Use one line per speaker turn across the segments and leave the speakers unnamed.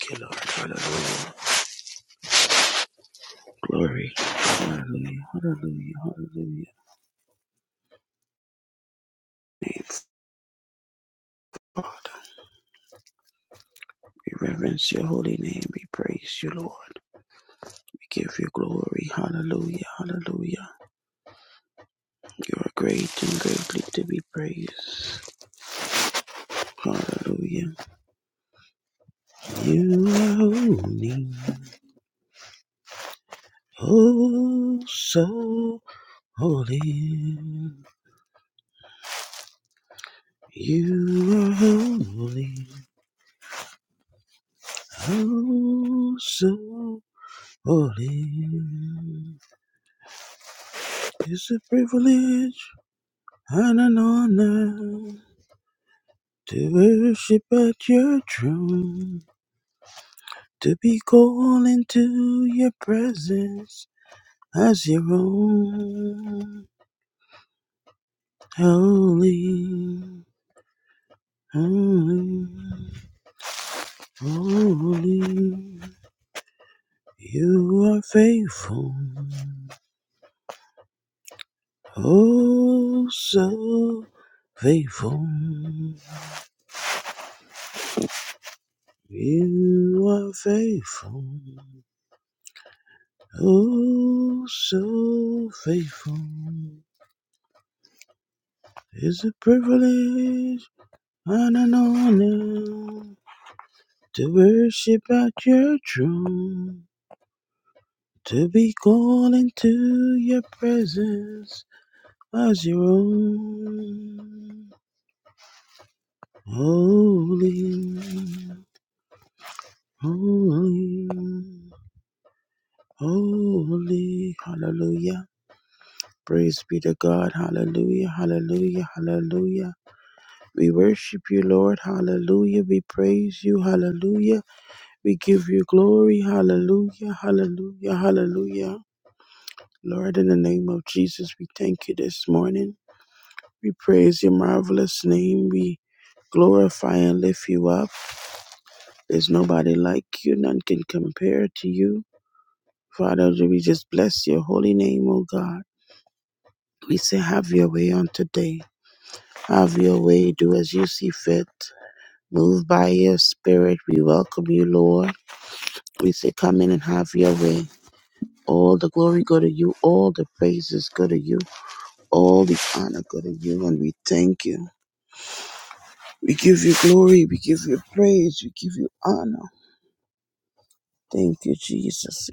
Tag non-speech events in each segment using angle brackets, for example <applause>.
Thank you, Lord. Hallelujah. Glory. Hallelujah. Hallelujah. Hallelujah. Thanks, God. We reverence your holy name. We praise you, Lord. We give you glory. Hallelujah. Hallelujah. You are great and greatly to be praised. Hallelujah. You are holy. Oh, so holy. You are holy. Oh, so holy. It's a privilege and an honor to worship at your throne, to be called into your presence as your own. Holy, holy, holy, you are faithful, oh so faithful. You are faithful, oh so faithful. It's a privilege and an honor to worship at your throne, to be called into your presence as your own. Holy, holy, holy, hallelujah. Praise be to God, hallelujah, hallelujah, hallelujah. We worship you, Lord, hallelujah. We praise you, hallelujah. We give you glory. Hallelujah. Hallelujah. Hallelujah. Lord, in the name of Jesus, we thank you this morning. We praise your marvelous name. We glorify and lift you up. There's nobody like you. None can compare to you. Father, we just bless your holy name, O God. We say, have your way on today. Have your way. Do as you see fit. Move by your spirit. We welcome you, Lord. We say, come in and have your way. All the glory go to you. All the praises go to you. All the honor go to you. And we thank you. We give you glory. We give you praise. We give you honor. Thank you, Jesus.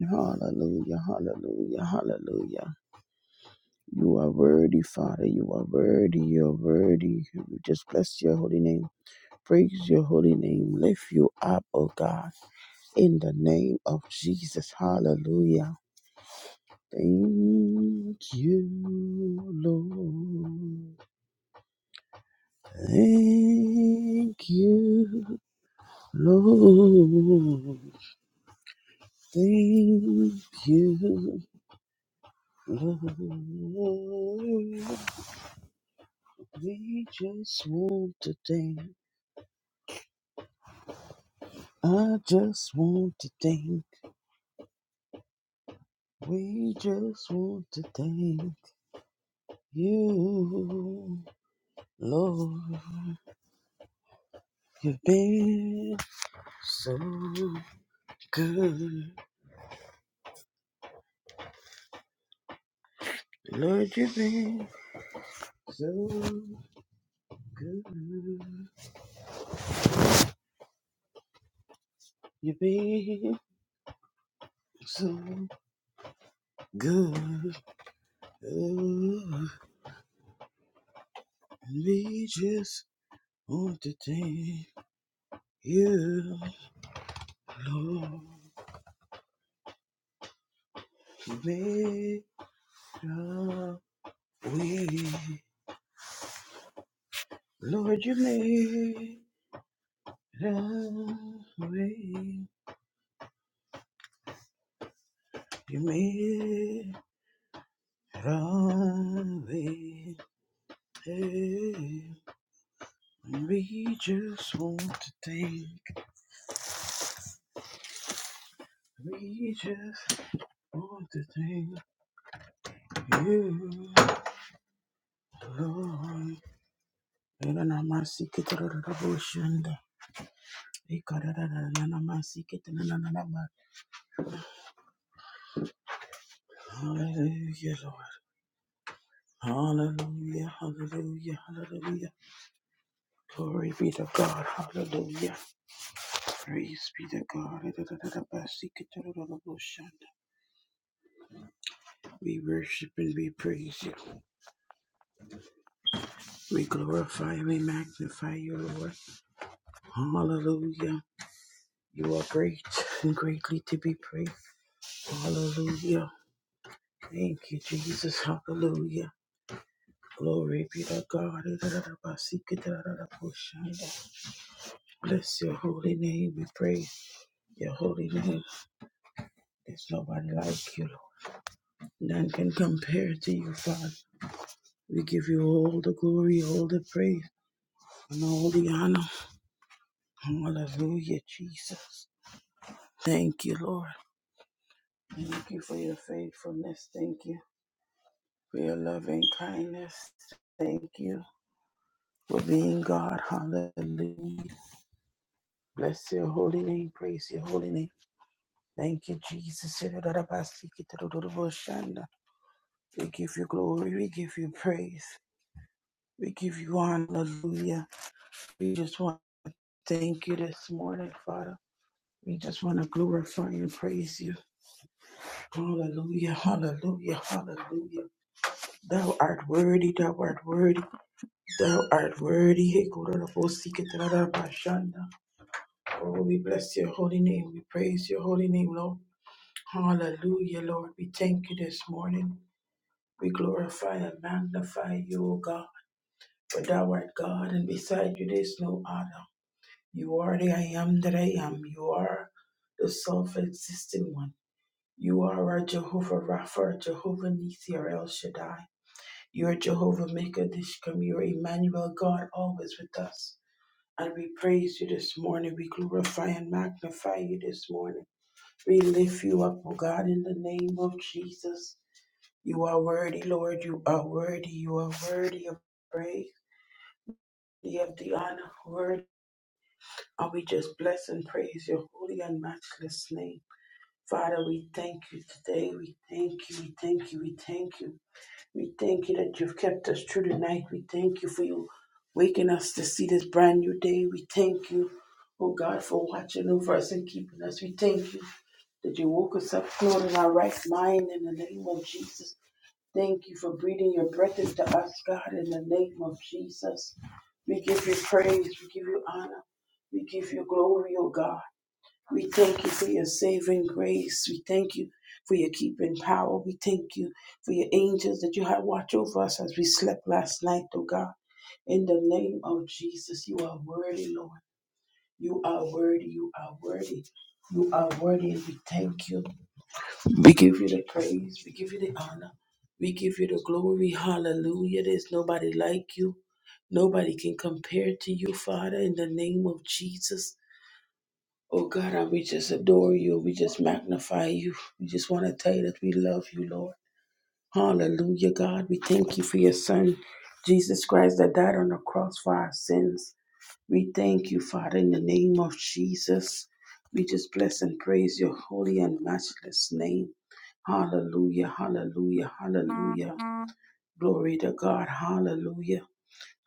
Hallelujah. Hallelujah. Hallelujah. You are worthy, Father. You are worthy. You are worthy. We just bless your holy name. Praise your holy name. Lift you up, O God, in the name of Jesus. Hallelujah. Thank you, Lord. Thank you, Lord. Thank you, Lord. We just want to thank. I just want to thank. We just want to thank you, Lord. You've been so good. Lord, you've been So good. You've been so good. Oh, we just want to thank you, Lord. You made a way. Lord, you made a way. You made a way. Hey. We just want to thank. We just All the things you love. Era na masike tera tera boshanda. Ikara tera na na na masike tera na na na ma. Hallelujah, Lord. Hallelujah, hallelujah, hallelujah. Glory be to God. Hallelujah. Praise be to God. Era tera tera masike tera tera boshanda. We worship and we praise you. We glorify and we magnify you, Lord. Hallelujah. You are great and greatly to be praised. Hallelujah. Thank you, Jesus. Hallelujah. Glory be to God. Bless your holy name. We praise your holy name. There's nobody like you, Lord. None can compare to you, Father. We give you all the glory, all the praise, and all the honor. Hallelujah, Jesus. Thank you, Lord. Thank you for your faithfulness. Thank you for your loving kindness. Thank you for being God. Hallelujah. Bless your holy name. Praise your holy name. Thank you, Jesus. We give you glory. We give you praise. We give you honor. Hallelujah. We just want to thank you this morning, Father. We just want to glorify and praise you. Hallelujah. Hallelujah. Hallelujah. Thou art worthy. Thou art worthy. Thou art worthy. Oh, we bless your holy name. We praise your holy name, Lord. Hallelujah, Lord. We thank you this morning. We glorify and magnify you, O God, for thou art God, and beside you there is no other. You are the I am that I am. You are the self existing one. You are our Jehovah Rapha, our Jehovah Nisi, or El Shaddai. You are Jehovah Maker Dishkam. You are Emmanuel, God, always with us. And we praise you this morning. We glorify and magnify you this morning. We lift you up, O God, in the name of Jesus. You are worthy, Lord. You are worthy. You are worthy of praise, worthy of the honor, worthy. And we just bless and praise your holy and matchless name. Father, we thank you today. We thank you. We thank you. We thank you. We thank you that you've kept us through the night. We thank you for you waking us to see this brand new day. We thank you, oh God, for watching over us and keeping us. We thank you that you woke us up, Lord, in our right mind in the name of Jesus. Thank you for breathing your breath into us, God, in the name of Jesus. We give you praise, we give you honor, we give you glory, O God. We thank you for your saving grace. We thank you for your keeping power. We thank you for your angels that you had watch over us as we slept last night, O God. In the name of Jesus, you are worthy, Lord. You are worthy, you are worthy, you are worthy, and we thank you. We give you the praise. We give you the honor. We give you the glory. Hallelujah. There's nobody like you. Nobody can compare to you, Father, in the name of Jesus. Oh God, I- we just adore you. We just magnify you. We just want to tell you that we love you, Lord. Hallelujah, God. We thank you for your Son, Jesus Christ, that died on the cross for our sins. We thank you, Father, in the name of Jesus. We just bless and praise your holy and matchless name. Hallelujah, hallelujah, hallelujah. Glory to God. Hallelujah.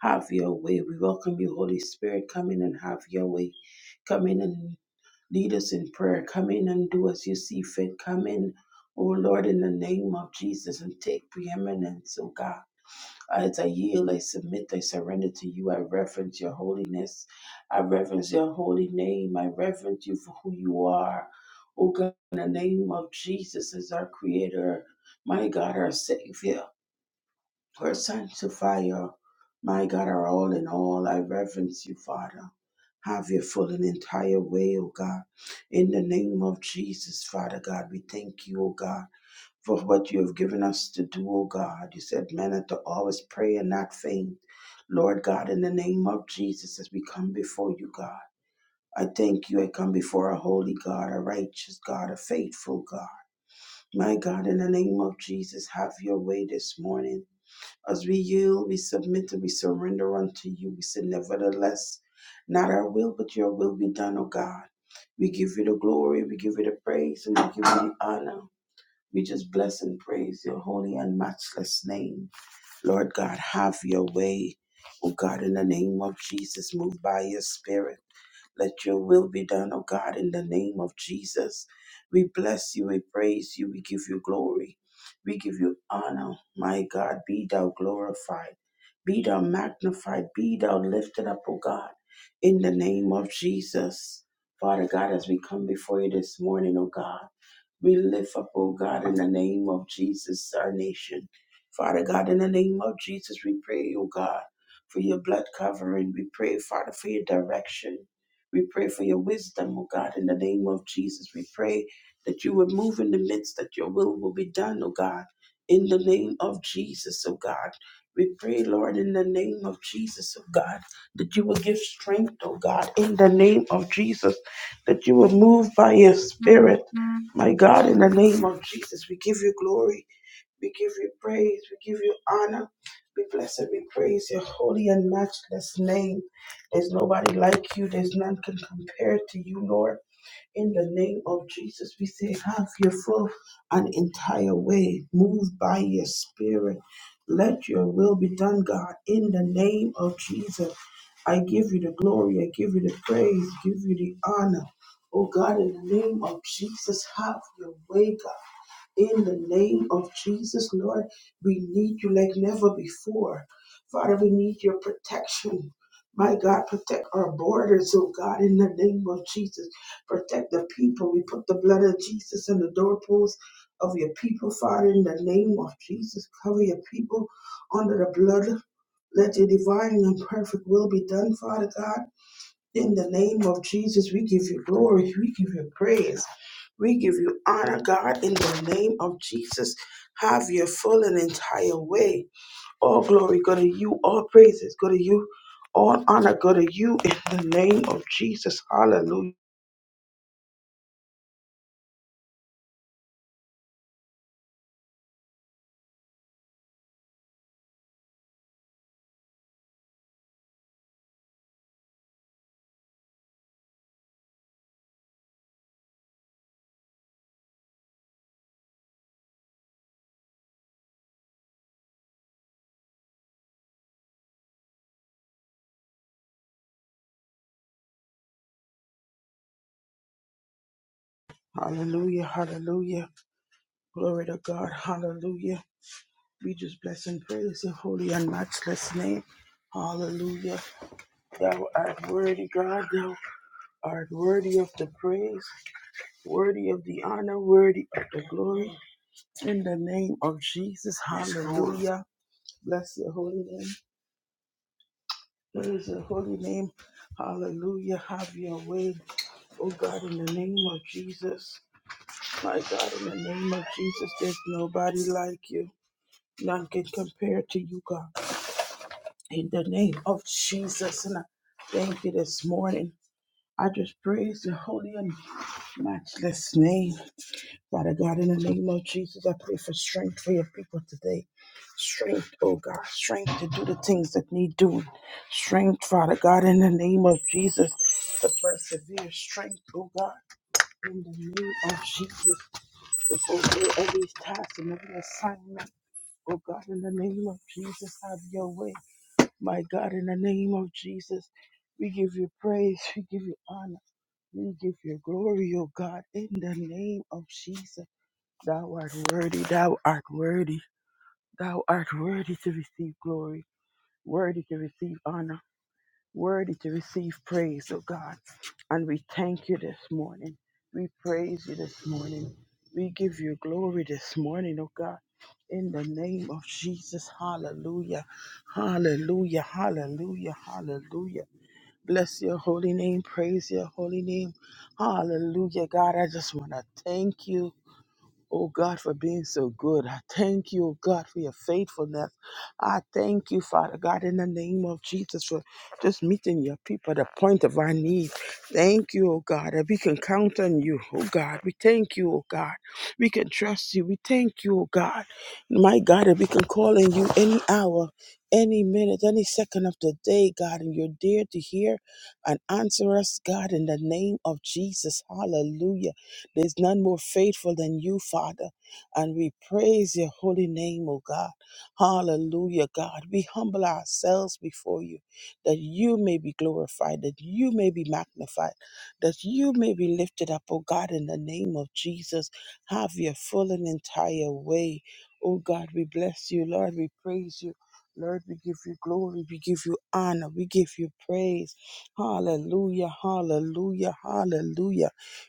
Have your way. We welcome you, Holy Spirit. Come in and have your way. Come in and lead us in prayer. Come in and do as you see fit. Come in, O Lord, in the name of Jesus and take preeminence, O God as I yield, I submit, I surrender to you. I reverence your holiness. I reverence your holy name. I reverence you for who you are. Oh God, in the name of Jesus as our creator, my God, our savior, our sanctifier, my God, our all in all. I reverence you, Father. Have your full and entire way, oh God. In the name of Jesus, Father God, we thank you, oh God for what you have given us to do, O God. You said men are to always pray and not faint. Lord God, in the name of Jesus, as we come before you, God, I thank you. I come before a holy God, a righteous God, a faithful God. My God, in the name of Jesus, have your way this morning. As we yield, we submit and we surrender unto you. We say, nevertheless, not our will, but your will be done, O God. We give you the glory, we give you the praise, and we give you the honor. We just bless and praise your holy and matchless name. Lord God, have your way. Oh God, in the name of Jesus, move by your spirit. Let your will be done, O God, in the name of Jesus. We bless you, we praise you, we give you glory, we give you honor. My God, be thou glorified, be thou magnified, be thou lifted up, O God, in the name of Jesus. Father God, as we come before you this morning, O God, we lift up, O God, in the name of Jesus, our nation. Father God, in the name of Jesus, we pray, O God, for your blood covering. We pray, Father, for your direction. We pray for your wisdom, oh God, in the name of Jesus. We pray that you would move in the midst, that your will will be done, oh God, in the name of Jesus, oh God. We pray, Lord, in the name of Jesus, oh God, that you will give strength, oh God, in the name of Jesus, that you will move by your spirit, my God, in the name of Jesus. We give you glory. We give you praise. We give you honor. We bless and we praise your holy and matchless name. There's nobody like you. There's none can compare to you, Lord. In the name of Jesus, we say, have your full and entire way. Move by your spirit. Let your will be done, God. In the name of Jesus, I give you the glory. I give you the praise. Give you the honor. Oh God, in the name of Jesus, have your way, God. In the name of Jesus, Lord, we need you like never before. Father, we need your protection. My God, protect our borders, oh God, in the name of Jesus. Protect the people. We put the blood of Jesus on the doorposts of your people, Father, in the name of Jesus. Cover your people under the blood. Let your divine and perfect will be done, Father God. In the name of Jesus, we give you glory. We give you praise. We give you honor, God. In the name of Jesus, have your full and entire way. All glory go to you. All praises go to you. All honor go to you. In the name of Jesus. Hallelujah. Hallelujah. Hallelujah. Glory to God. Hallelujah. We just bless and praise your holy and matchless name. Hallelujah. Thou art worthy, God. Thou art worthy of the praise. worthy of the honor, worthy of the glory. In the name of Jesus, hallelujah. Bless your holy name. Praise your holy name. Hallelujah. Have your way. Oh God, in the name of Jesus. My God, in the name of Jesus, there's nobody like you. None can compare to you, God. In the name of Jesus. And I thank you this morning. I just praise your holy and matchless name. Father God, in the name of Jesus, I pray for strength for your people today. Strength, oh God, strength to do the things that need doing. Strength, Father God, in the name of Jesus, to persevere. Strength, oh God, in the name of Jesus, to fulfill every task and every assignment. Oh God, in the name of Jesus, have your way. My God, in the name of Jesus, we give you praise, we give you honor, we give you glory, oh God, in the name of Jesus. Thou art worthy, thou art worthy, thou art worthy to receive glory, worthy to receive honor, worthy to receive praise, O God. And we thank you this morning. We praise you this morning. We give you glory this morning, O God. In the name of Jesus, hallelujah, hallelujah, hallelujah, hallelujah. Bless your holy name, praise your holy name. Hallelujah, God. I just want to thank you. Oh God, for being so good. I thank you, oh God, for your faithfulness. I thank you, Father God, in the name of Jesus, for just meeting your people at the point of our need. Thank you, oh God, that we can count on you, oh God. We thank you, oh God. We can trust you. We thank you, oh God. My God, that we can call on you any hour, any minute, any second of the day, God, and you're there to hear and answer us, God, in the name of Jesus. Hallelujah. There's none more faithful than you, Father. And we praise your holy name, O God. Hallelujah, God. We humble ourselves before you that you may be glorified, that you may be magnified, that you may be lifted up, O God, in the name of Jesus. Have your full and entire way. O God, we bless you, Lord. We praise you. Lord, we give you glory, we give you honor, we give you praise. Hallelujah, hallelujah, hallelujah.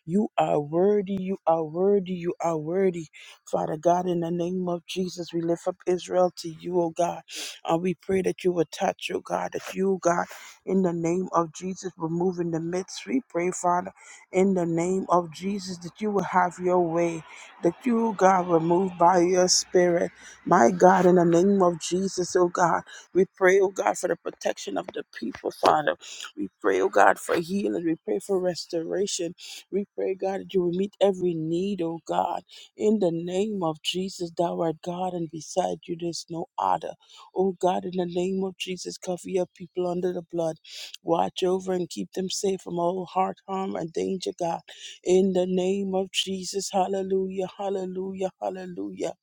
You are worthy. You are worthy. You are worthy. Father God, in the name of Jesus, we lift up Israel to you, oh God. Uh, we pray that you will touch, oh God, that you, God, in the name of Jesus, will move in the midst. We pray, Father, in the name of Jesus, that you will have your way, that you, God, will move by your spirit. My God, in the name of Jesus, oh God, we pray, oh God, for the protection of the people, Father. We pray, oh God, for healing. We pray for restoration. We pray, God, that you will meet every need, oh God. In the name of Jesus, thou art God, and beside you there's no other. Oh God, in the name of Jesus, cover your people under the blood. Watch over and keep them safe from all heart, harm, and danger, God. In the name of Jesus, hallelujah, hallelujah, hallelujah.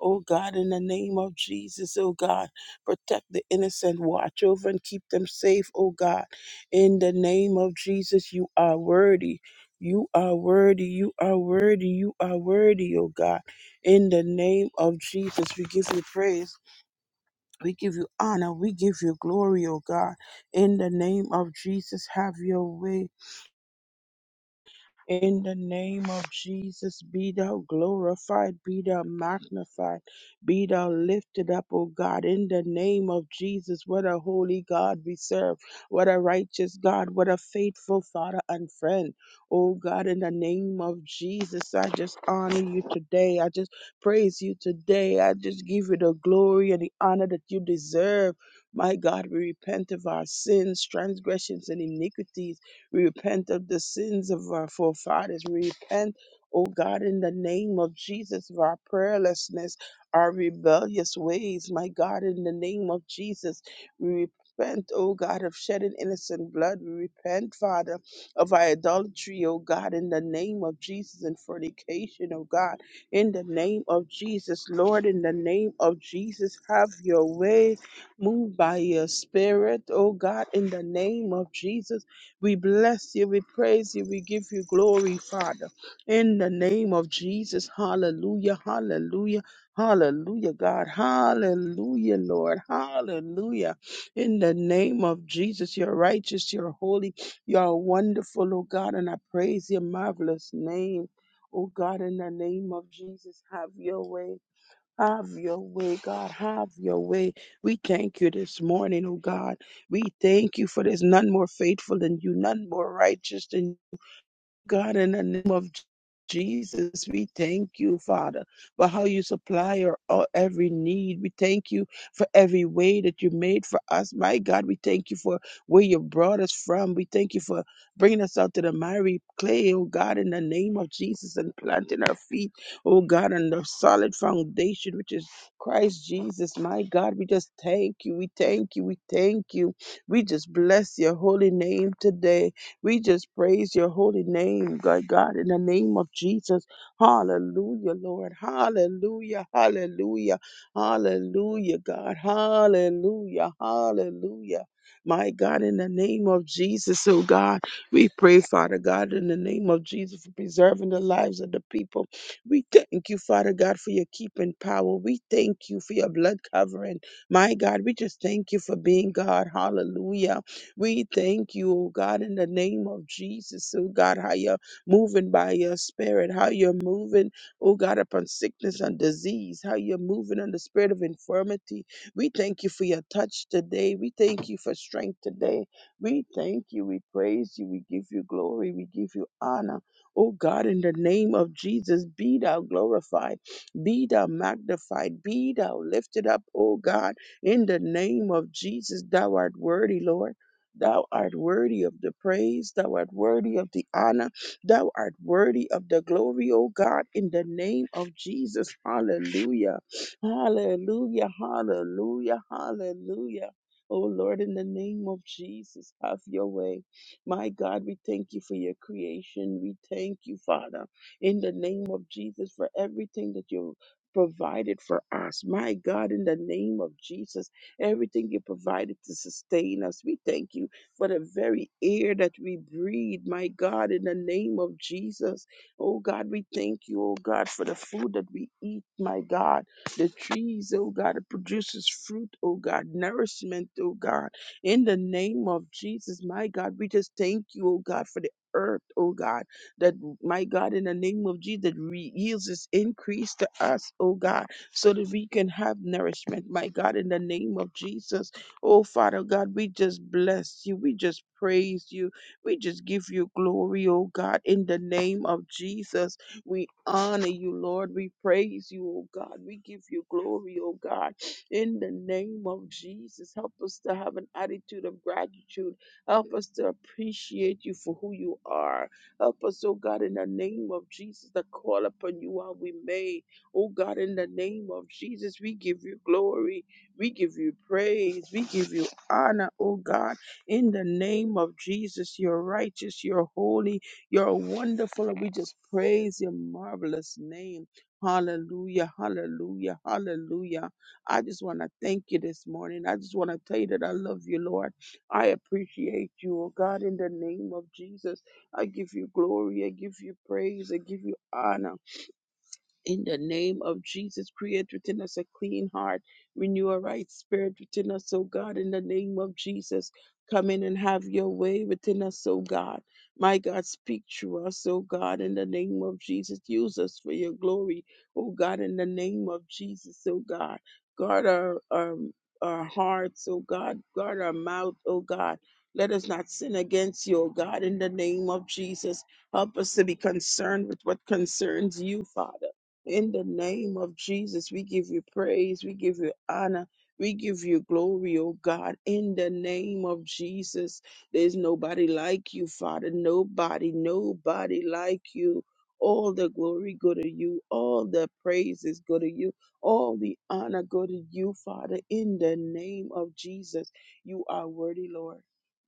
Oh God, in the name of Jesus, oh God, protect the innocent. Watch over and keep them safe, oh God. In the name of Jesus, you are worthy. You are worthy. You are worthy. You are worthy, oh God. In the name of Jesus, we give you praise. We give you honor. We give you glory, oh God. In the name of Jesus, have your way. In the name of Jesus, be thou glorified, be thou magnified, be thou lifted up, O God. In the name of Jesus, what a holy God we serve, what a righteous God, what a faithful Father and friend. Oh God, in the name of Jesus, I just honor you today. I just praise you today. I just give you the glory and the honor that you deserve. My God, we repent of our sins, transgressions, and iniquities. We repent of the sins of our forefathers. We repent, oh God, in the name of Jesus, of our prayerlessness, our rebellious ways. My God, in the name of Jesus, we repent, oh God, of shedding innocent blood. We repent, Father, of our idolatry, oh God, in the name of Jesus, and fornication, oh God, in the name of Jesus. Lord, in the name of Jesus, have your way. Move by your spirit, oh God, in the name of Jesus. We bless you, we praise you, we give you glory, Father. In the name of Jesus, hallelujah, hallelujah, hallelujah, God, hallelujah, Lord, hallelujah. In the name of Jesus, you're righteous, you're holy, you're wonderful, oh God, and I praise your marvelous name. Oh God, in the name of Jesus, have your way. Have your way, God. Have your way. We thank you this morning, oh God. We thank you for there's none more faithful than you, none more righteous than you. God, in the name of Jesus, we thank you, Father, for how you supply our our every need. We thank you for every way that you made for us. My God, we thank you for where you brought us from. We thank you for bringing us out to the miry clay, oh God, in the name of Jesus, and planting our feet, oh God, on the solid foundation, which is Christ Jesus. My God, we just thank you. We thank you. We thank you. We just bless your holy name today. We just praise your holy name, God, God, in the name of Jesus. Hallelujah, Lord. Hallelujah, hallelujah, hallelujah, God. Hallelujah, hallelujah. My God, in the name of Jesus, oh God, we pray, Father God, in the name of Jesus for preserving the lives of the people. We thank you, Father God, for your keeping power. We thank you for your blood covering. My God, we just thank you for being God. Hallelujah. We thank you, oh God, in the name of Jesus, oh God, how you're moving by your spirit, how you're moving, oh God, upon sickness and disease, how you're moving on the spirit of infirmity. We thank you for your touch today. We thank you for strength today. We thank you. We praise you. We give you glory. We give you honor. Oh God, in the name of Jesus, be thou glorified, be thou magnified, be thou lifted up, oh God, in the name of Jesus, thou art worthy, Lord. Thou art worthy of the praise. Thou art worthy of the honor. Thou art worthy of the glory, O God, in the name of Jesus. Hallelujah. Hallelujah. Hallelujah. Hallelujah. Oh Lord, in the name of Jesus, have your way. My God, we thank you for your creation. We thank you, Father, in the name of Jesus, for everything that you provided for us. My God, in the name of Jesus everything you provided to sustain us. We thank you for the very air that we breathe, my God, in the name of Jesus. Oh God, we thank you, oh God, for the food that we eat, my God. The trees, oh God, it produces fruit, oh God, nourishment, oh God. In the name of Jesus, my God, we just thank you, oh God, for the earth, oh God, that my God, in the name of Jesus, that re- yields its increase to us, oh God so that we can have nourishment, my God, in the name of Jesus. Oh, Father God, we just bless you. We just praise you. We just give you glory, oh God, in the name of Jesus. We honor you, Lord. We praise you, oh God. We give you glory, oh God, in the name of Jesus. Help us to have an attitude of gratitude. Help us to appreciate you for who you are. Help us, oh God, in the name of Jesus, to call upon you while we may. Oh God, in the name of Jesus, we give you glory. We give you praise. We give you honor, oh God. In the name of Jesus, you're righteous, you're holy, you're wonderful, and we just praise your marvelous name. Hallelujah, hallelujah, hallelujah. I just want to thank you this morning. I just want to tell you that I love you, Lord. I appreciate you, oh God, in the name of Jesus. I give you glory, I give you praise, I give you honor. In the name of Jesus, create within us a clean heart, renew a right spirit within us, O God. In the name of Jesus, come in and have your way within us, O God. My God, speak to us, O God, in the name of Jesus. Use us for your glory, O God, in the name of Jesus, O God. Guard our, our, our hearts, O God. Guard our mouth, O God. Let us not sin against you, O God, in the name of Jesus. Help us to be concerned with what concerns you, Father. In the name of Jesus, we give you praise, we give you honor, we give you glory, oh God. In the name of Jesus, there's nobody like you, Father. Nobody, nobody like you. All the glory go to you, all the praises go to you, all the honor go to you, Father. In the name of Jesus, you are worthy, Lord.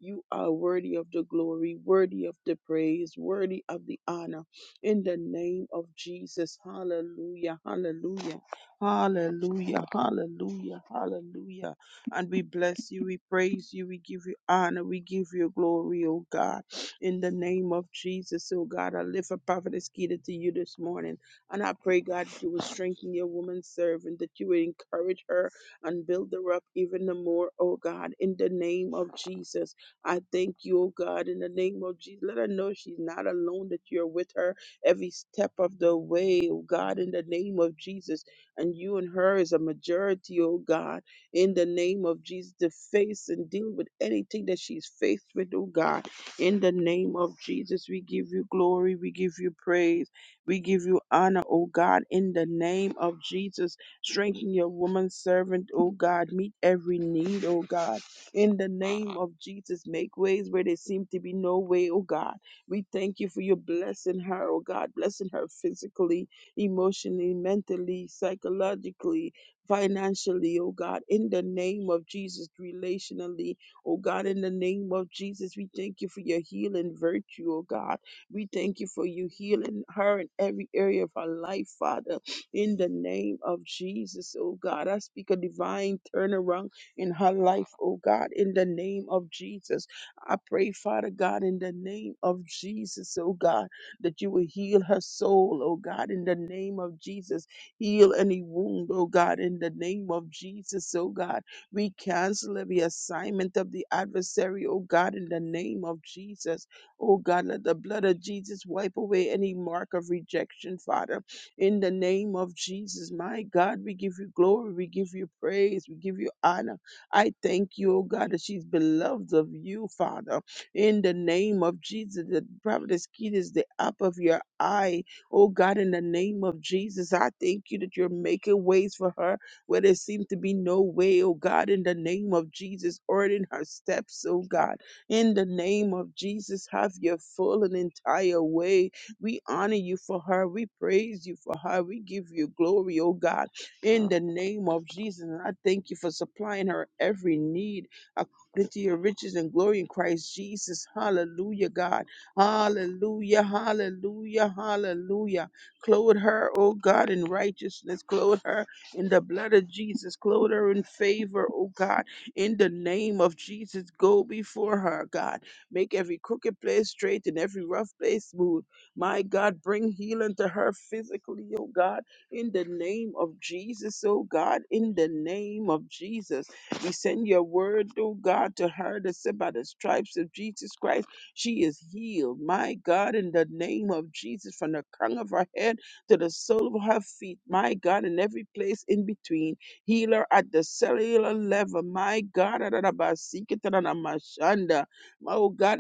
You are worthy of the glory, worthy of the praise, worthy of the honor in the name of Jesus. Hallelujah, hallelujah, hallelujah, hallelujah, hallelujah. And we bless you, we praise you, we give you honor, we give you glory, oh God, in the name of Jesus, oh God. I lift up Prophetess Keita to you this morning, and I pray, God, that you will strengthen your woman servant, that you will encourage her and build her up even the more, oh God, in the name of Jesus. I thank you, oh God, in the name of Jesus. Let her know she's not alone, that you're with her every step of the way, oh God, in the name of Jesus. And you and her is a majority, oh God, in the name of Jesus, to face and deal with anything that she's faced with, oh God. In the name of Jesus, we give you glory, we give you praise, we give you honor, oh God, in the name of Jesus. Strengthen your woman servant, oh God. Meet every need, oh God. In the name of Jesus, make ways where there seem to be no way, oh God we thank you for your blessing her, oh God, blessing her physically, emotionally, mentally, psychologically, financially, oh God, in the name of Jesus, relationally, oh God, in the name of Jesus. We thank you for your healing virtue, oh God. We thank you for you healing her in every area of her life, Father, in the name of Jesus, oh God. I speak a divine turnaround in her life, oh God, in the name of Jesus. I pray, Father God, in the name of Jesus, oh God, that you will heal her soul, oh God, in the name of Jesus. Heal any wound, oh God, in the name of Jesus, oh God. We cancel every assignment of the adversary, oh God, in the name of Jesus. Oh God, let the blood of Jesus wipe away any mark of rejection, Father. In the name of Jesus, my God, we give you glory, we give you praise, we give you honor. I thank you, oh God, that she's beloved of you, Father. In the name of Jesus, the prophetess kid is the apple of your eye. Oh God, in the name of Jesus, I thank you that you're making ways for her where there seems to be no way, oh God, in the name of Jesus, ordering her steps, oh God. In the name of Jesus, have your full and entire way. We honor you for her. We praise you for her. We give you glory, oh God in the name of Jesus. And I thank you for supplying her every need according to your riches and glory in Christ Jesus. Hallelujah, God. Hallelujah, hallelujah, hallelujah. Clothe her, oh God, in righteousness. Clothe her in the blood of Jesus. Clothe her in favor, oh God, in the name of Jesus. Go before her, God. Make every crooked place straight and every rough place smooth. My God, bring healing to her physically, oh God in the name of Jesus, oh God, in the name of Jesus. We send your word, oh God, to her that said by the stripes of Jesus Christ, she is healed. My God, in the name of Jesus, from the crown of her head to the sole of her feet, my God, in every place in between. Healer at the cellular level, my God, oh God,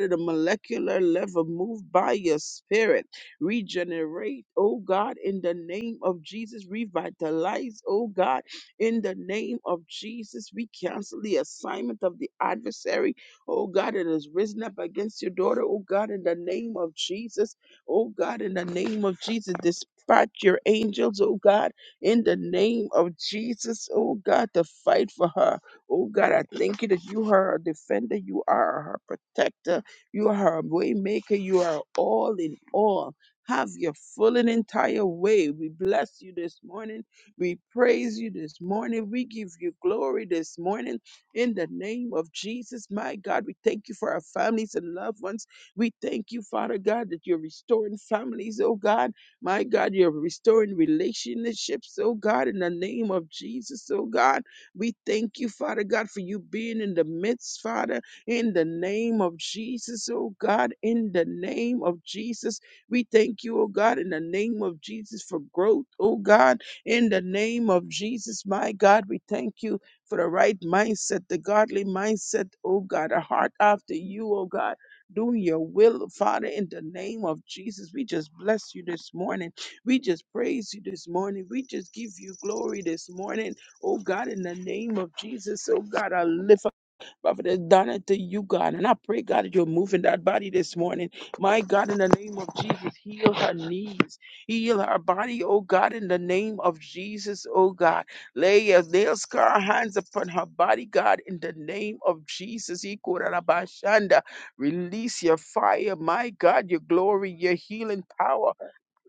at the molecular level, move by your spirit. Regenerate, oh God, in the name of Jesus. Revitalize, oh God, in the name of Jesus. We cancel the assignment of the adversary, oh God, that has risen up against your daughter, oh God, in the name of Jesus. Oh God, in the name of Jesus, dispatch your angels, oh God, in the name of Jesus, oh God, to fight for her. Oh God, I thank you that you are her defender, you are her protector, you are her way maker, you are all in all. Have your full and entire way. We bless you this morning. We praise you this morning. We give you glory this morning. In the name of Jesus, my God, we thank you for our families and loved ones. We thank you, Father God, that you're restoring families, oh God. My God, you're restoring relationships, oh God, in the name of Jesus, oh God. We thank you, Father God, for you being in the midst, Father, in the name of Jesus, oh God, in the name of Jesus. We thank you, oh God, in the name of Jesus for growth, oh God, in the name of Jesus, my God. We thank you for the right mindset, the godly mindset, oh God, a heart after you, oh God. Doing your will, Father, in the name of Jesus. We just bless you this morning. We just praise you this morning. We just give you glory this morning. Oh God, in the name of Jesus, oh God, I lift Prophetess Donna, to you, God. And I pray, God, that you're moving that body this morning. My God, in the name of Jesus, heal her knees, heal her body, oh God, in the name of Jesus, oh God. Lay your nail scar hands upon her body, God, in the name of Jesus. Ikorabashanda. Release your fire, my God, your glory, your healing power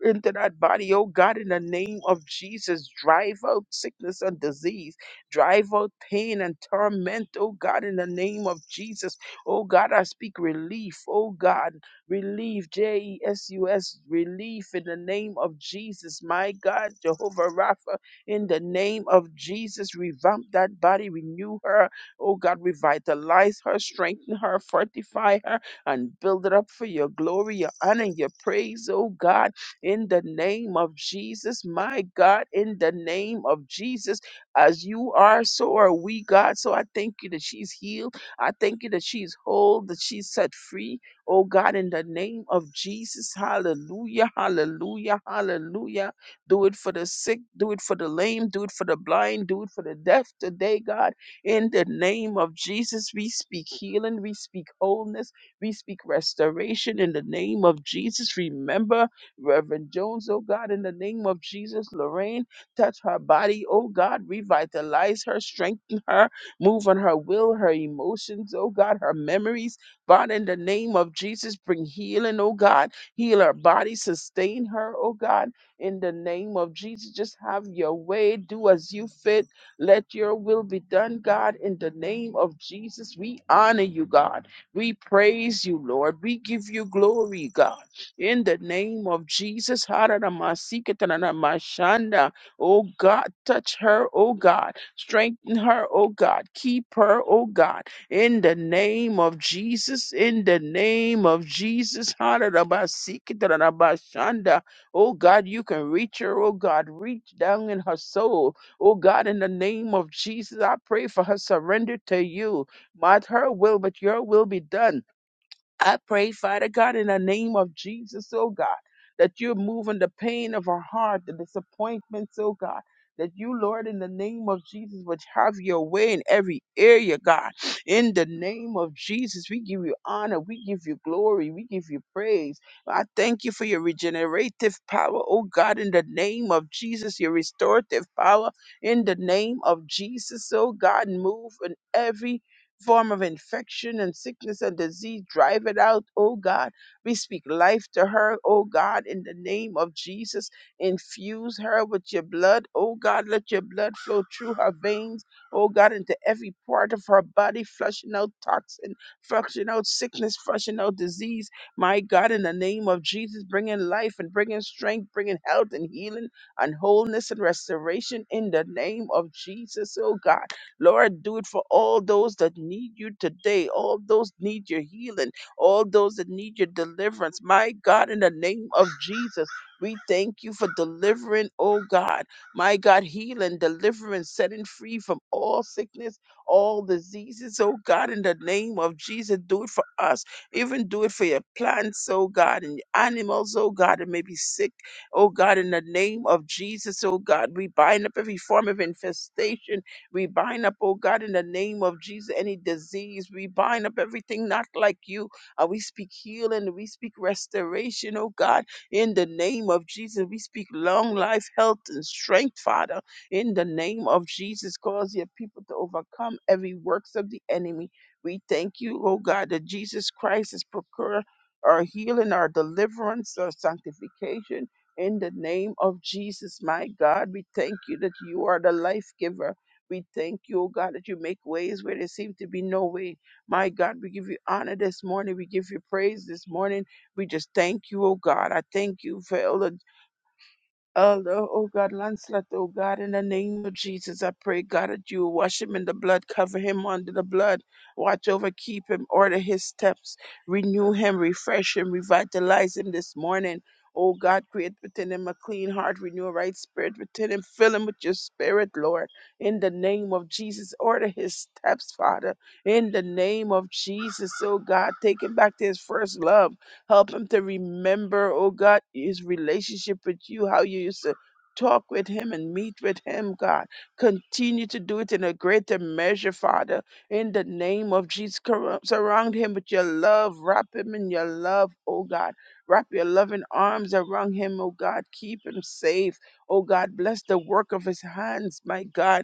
into that body, oh God, in the name of Jesus. Drive out sickness and disease. Drive out pain and torment, oh God, in the name of Jesus. Oh God, I speak relief, oh God, relief, J E S U S, relief in the name of Jesus. My God, Jehovah Rapha, in the name of Jesus, revamp that body, renew her, oh God, revitalize her, strengthen her, fortify her, and build it up for your glory, your honor, your praise, oh God in the name of Jesus. My God, in the name of Jesus, as you are, so are we, God. So I thank you that she's healed. I thank you that she's whole, that she's set free. Oh God, in the name of Jesus, hallelujah, hallelujah, hallelujah. Do it for the sick, do it for the lame, do it for the blind, do it for the deaf today, God. In the name of Jesus, we speak healing, we speak wholeness, we speak restoration in the name of Jesus. Remember Reverend Jones, oh God, in the name of Jesus, Lorraine, touch her body, oh God, revitalize her, strengthen her, move on her will, her emotions, oh God, her memories. God, in the name of Jesus, bring healing, oh God, heal her body, sustain her, oh God, in the name of Jesus. Just have your way, do as you fit. Let your will be done, God, in the name of Jesus. We honor you, God. We praise you, Lord. We give you glory, God. In the name of Jesus. Haranamasiketaranamashanda. Oh God, touch her, oh God. Strengthen her, oh God. Keep her, oh God. In the name of Jesus. In the name of Jesus. Haranamasiketaranamashanda. Oh God, you can reach her, oh God. Reach down in her soul. Oh God, in the name of Jesus, I pray for her surrender to you. Not her will, but your will be done. I pray, Father God, in the name of Jesus, oh God, that you're moving the pain of our heart, the disappointments, oh God. That you, Lord, in the name of Jesus, would have your way in every area, God. In the name of Jesus, we give you honor, we give you glory, we give you praise. I thank you for your regenerative power, oh God, in the name of Jesus, your restorative power, in the name of Jesus, oh God, move in every form of infection and sickness and disease. Drive it out, oh God. We speak life to her, oh God, in the name of Jesus. Infuse her with your blood, oh God. Let your blood flow through her veins, oh God, into every part of her body, flushing out toxin, flushing out sickness, flushing out disease. My God, in the name of Jesus, bringing life and bringing strength, bringing health and healing and wholeness and restoration in the name of Jesus, oh God. Lord, do it for all those that need you today, all those need your healing, all those that need your deliverance. My God, in the name of Jesus, we thank you for delivering, oh God. My God, healing, deliverance, setting free from all sickness, all diseases, oh God, in the name of Jesus, do it for us. Even do it for your plants, oh God, and your animals, oh God, that may be sick, oh God, in the name of Jesus, oh God. We bind up every form of infestation we bind up, oh God, in the name of Jesus, any disease. We bind up everything not like you. And we speak healing. We speak restoration, oh God, in the name of Jesus. We speak long life, health, and strength, Father, in the name of Jesus. Cause your people to overcome every works of the enemy. We thank you, oh God, that Jesus Christ is procurer. Our healing, our deliverance, our sanctification in the name of Jesus, my God. We thank you that you are the life giver. We thank you, oh God, that you make ways where there seem to be no way. My God, we give you honor this morning. We give you praise this morning. We just thank you, oh God. I thank you for Elder Oh, Lord, oh God, Lancelot, oh God, in the name of Jesus, I pray, God, that you will wash him in the blood, cover him under the blood, watch over, keep him, order his steps, renew him, refresh him, revitalize him this morning. Oh God, create within him a clean heart, renew a right spirit within him, fill him with your spirit, Lord. In the name of Jesus, order his steps, Father. In the name of Jesus, oh God, take him back to his first love. Help him to remember, oh God, his relationship with you, how you used to talk with him and meet with him, God. Continue to do it in a greater measure, Father. In the name of Jesus, cor- surround him with your love. Wrap him in your love, oh God. Wrap your loving arms around him, oh God. Keep him safe, oh God. Bless the work of his hands, my God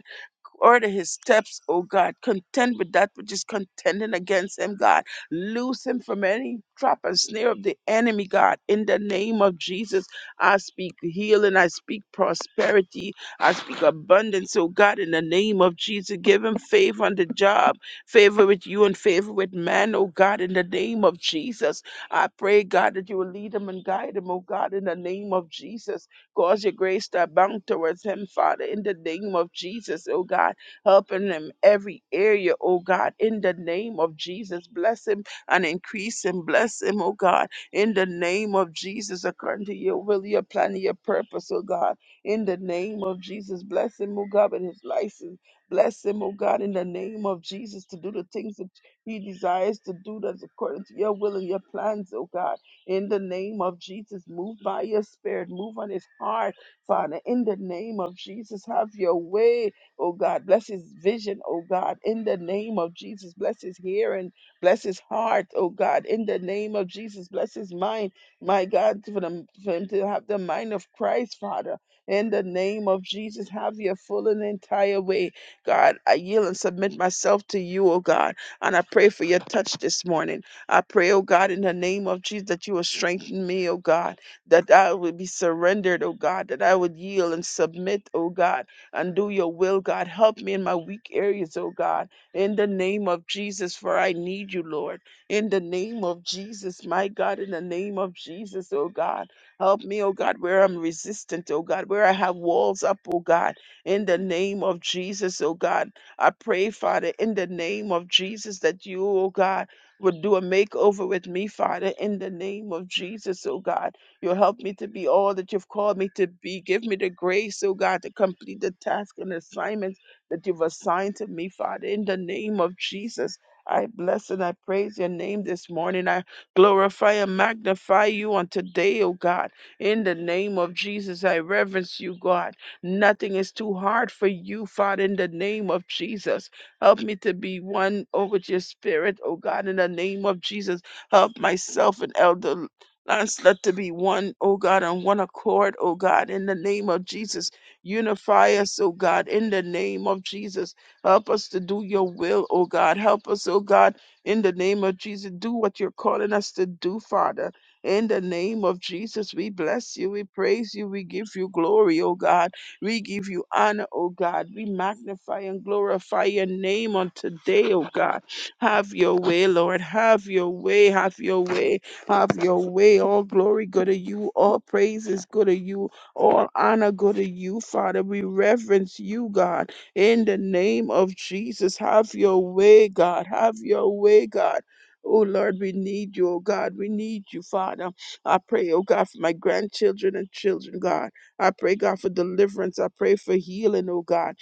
Order his steps, O God. Contend with that which is contending against him, God. Loose him from any trap and snare of the enemy, God. In the name of Jesus, I speak healing. I speak prosperity. I speak abundance, O God. In the name of Jesus, give him favor on the job, favor with you and favor with man, O God. In the name of Jesus, I pray, God, that you will lead him and guide him, O God. In the name of Jesus. Cause your grace to abound towards him, Father, in the name of Jesus, oh God. Helping him every area, oh God, in the name of Jesus. Bless him and increase him. Bless him, oh God, in the name of Jesus, according to your will, your plan, and your purpose, oh God. In the name of Jesus, bless him, oh God, with his license. Bless him, oh God, in the name of Jesus, to do the things that he desires to do that's according to your will and your plans, oh God in the name of Jesus. Move by your spirit, move on his heart, Father, in the name of Jesus. Have your way, oh God. Bless his vision, oh God, in the name of Jesus. Bless his hearing, bless his heart, oh God, in the name of Jesus. Bless his mind, my God, for, the, for him to have the mind of Christ, Father. In the name of Jesus, have your full and entire way. God, I yield and submit myself to you, oh God. And I pray for your touch this morning. I pray, oh God, in the name of Jesus, that you will strengthen me, oh God, that I will be surrendered, oh God, that I would yield and submit, oh God, and do your will, God. Help me in my weak areas, oh God, in the name of Jesus, for I need you, Lord. In the name of Jesus, my God, in the name of Jesus, oh God. Help me, oh God, where I'm resistant, oh God, where I have walls up, oh God, in the name of Jesus, oh God. I pray, Father, in the name of Jesus, that you, oh God, would do a makeover with me, Father, in the name of Jesus, oh God. You'll help me to be all that you've called me to be. Give me the grace, oh God, to complete the task and assignments that you've assigned to me, Father, in the name of Jesus. I bless and I praise your name this morning. I glorify and magnify you on today, oh God. In the name of Jesus, I reverence you, God. Nothing is too hard for you, Father, in the name of Jesus. Help me to be one, oh, with your spirit, oh God, in the name of Jesus. Help myself and Elder Lancelot to be one, oh God, on one accord, oh God, in the name of Jesus. Unify us, oh God, in the name of Jesus. Help us to do your will, oh God. Help us, oh God, in the name of Jesus. Do what you're calling us to do, Father. In the name of Jesus, we bless you, we praise you, we give you glory, oh God. We give you honor, O God. We magnify and glorify your name on today, O God. Have your way, Lord. Have your way. Have your way. Have your way. All glory go to you. All praises go to you. All honor go to you, Father. We reverence you, God. In the name of Jesus, have your way, God. Have your way, God. Oh Lord, we need you, oh God. We need you, Father. I pray, oh God, for my grandchildren and children, God. I pray, God, for deliverance. I pray for healing, oh God.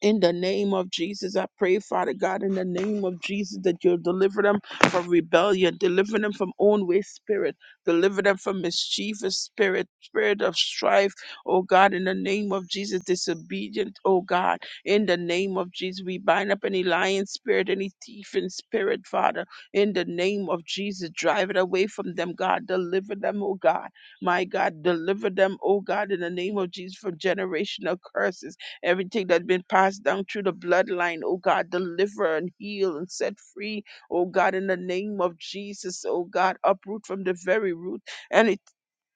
In the name of Jesus, I pray, Father God, in the name of Jesus, that you'll deliver them from rebellion, deliver them from own-way spirit, deliver them from mischievous spirit, spirit of strife, oh God, in the name of Jesus, disobedient, oh God, in the name of Jesus, we bind up any lion spirit, any thief in spirit, Father, in the name of Jesus, drive it away from them, God, deliver them, oh God, my God, deliver them, oh God, in the name of Jesus, from generational curses Everything that's been passed down through the bloodline, oh God, deliver and heal and set free, oh God, in the name of Jesus, oh God, uproot from the very root any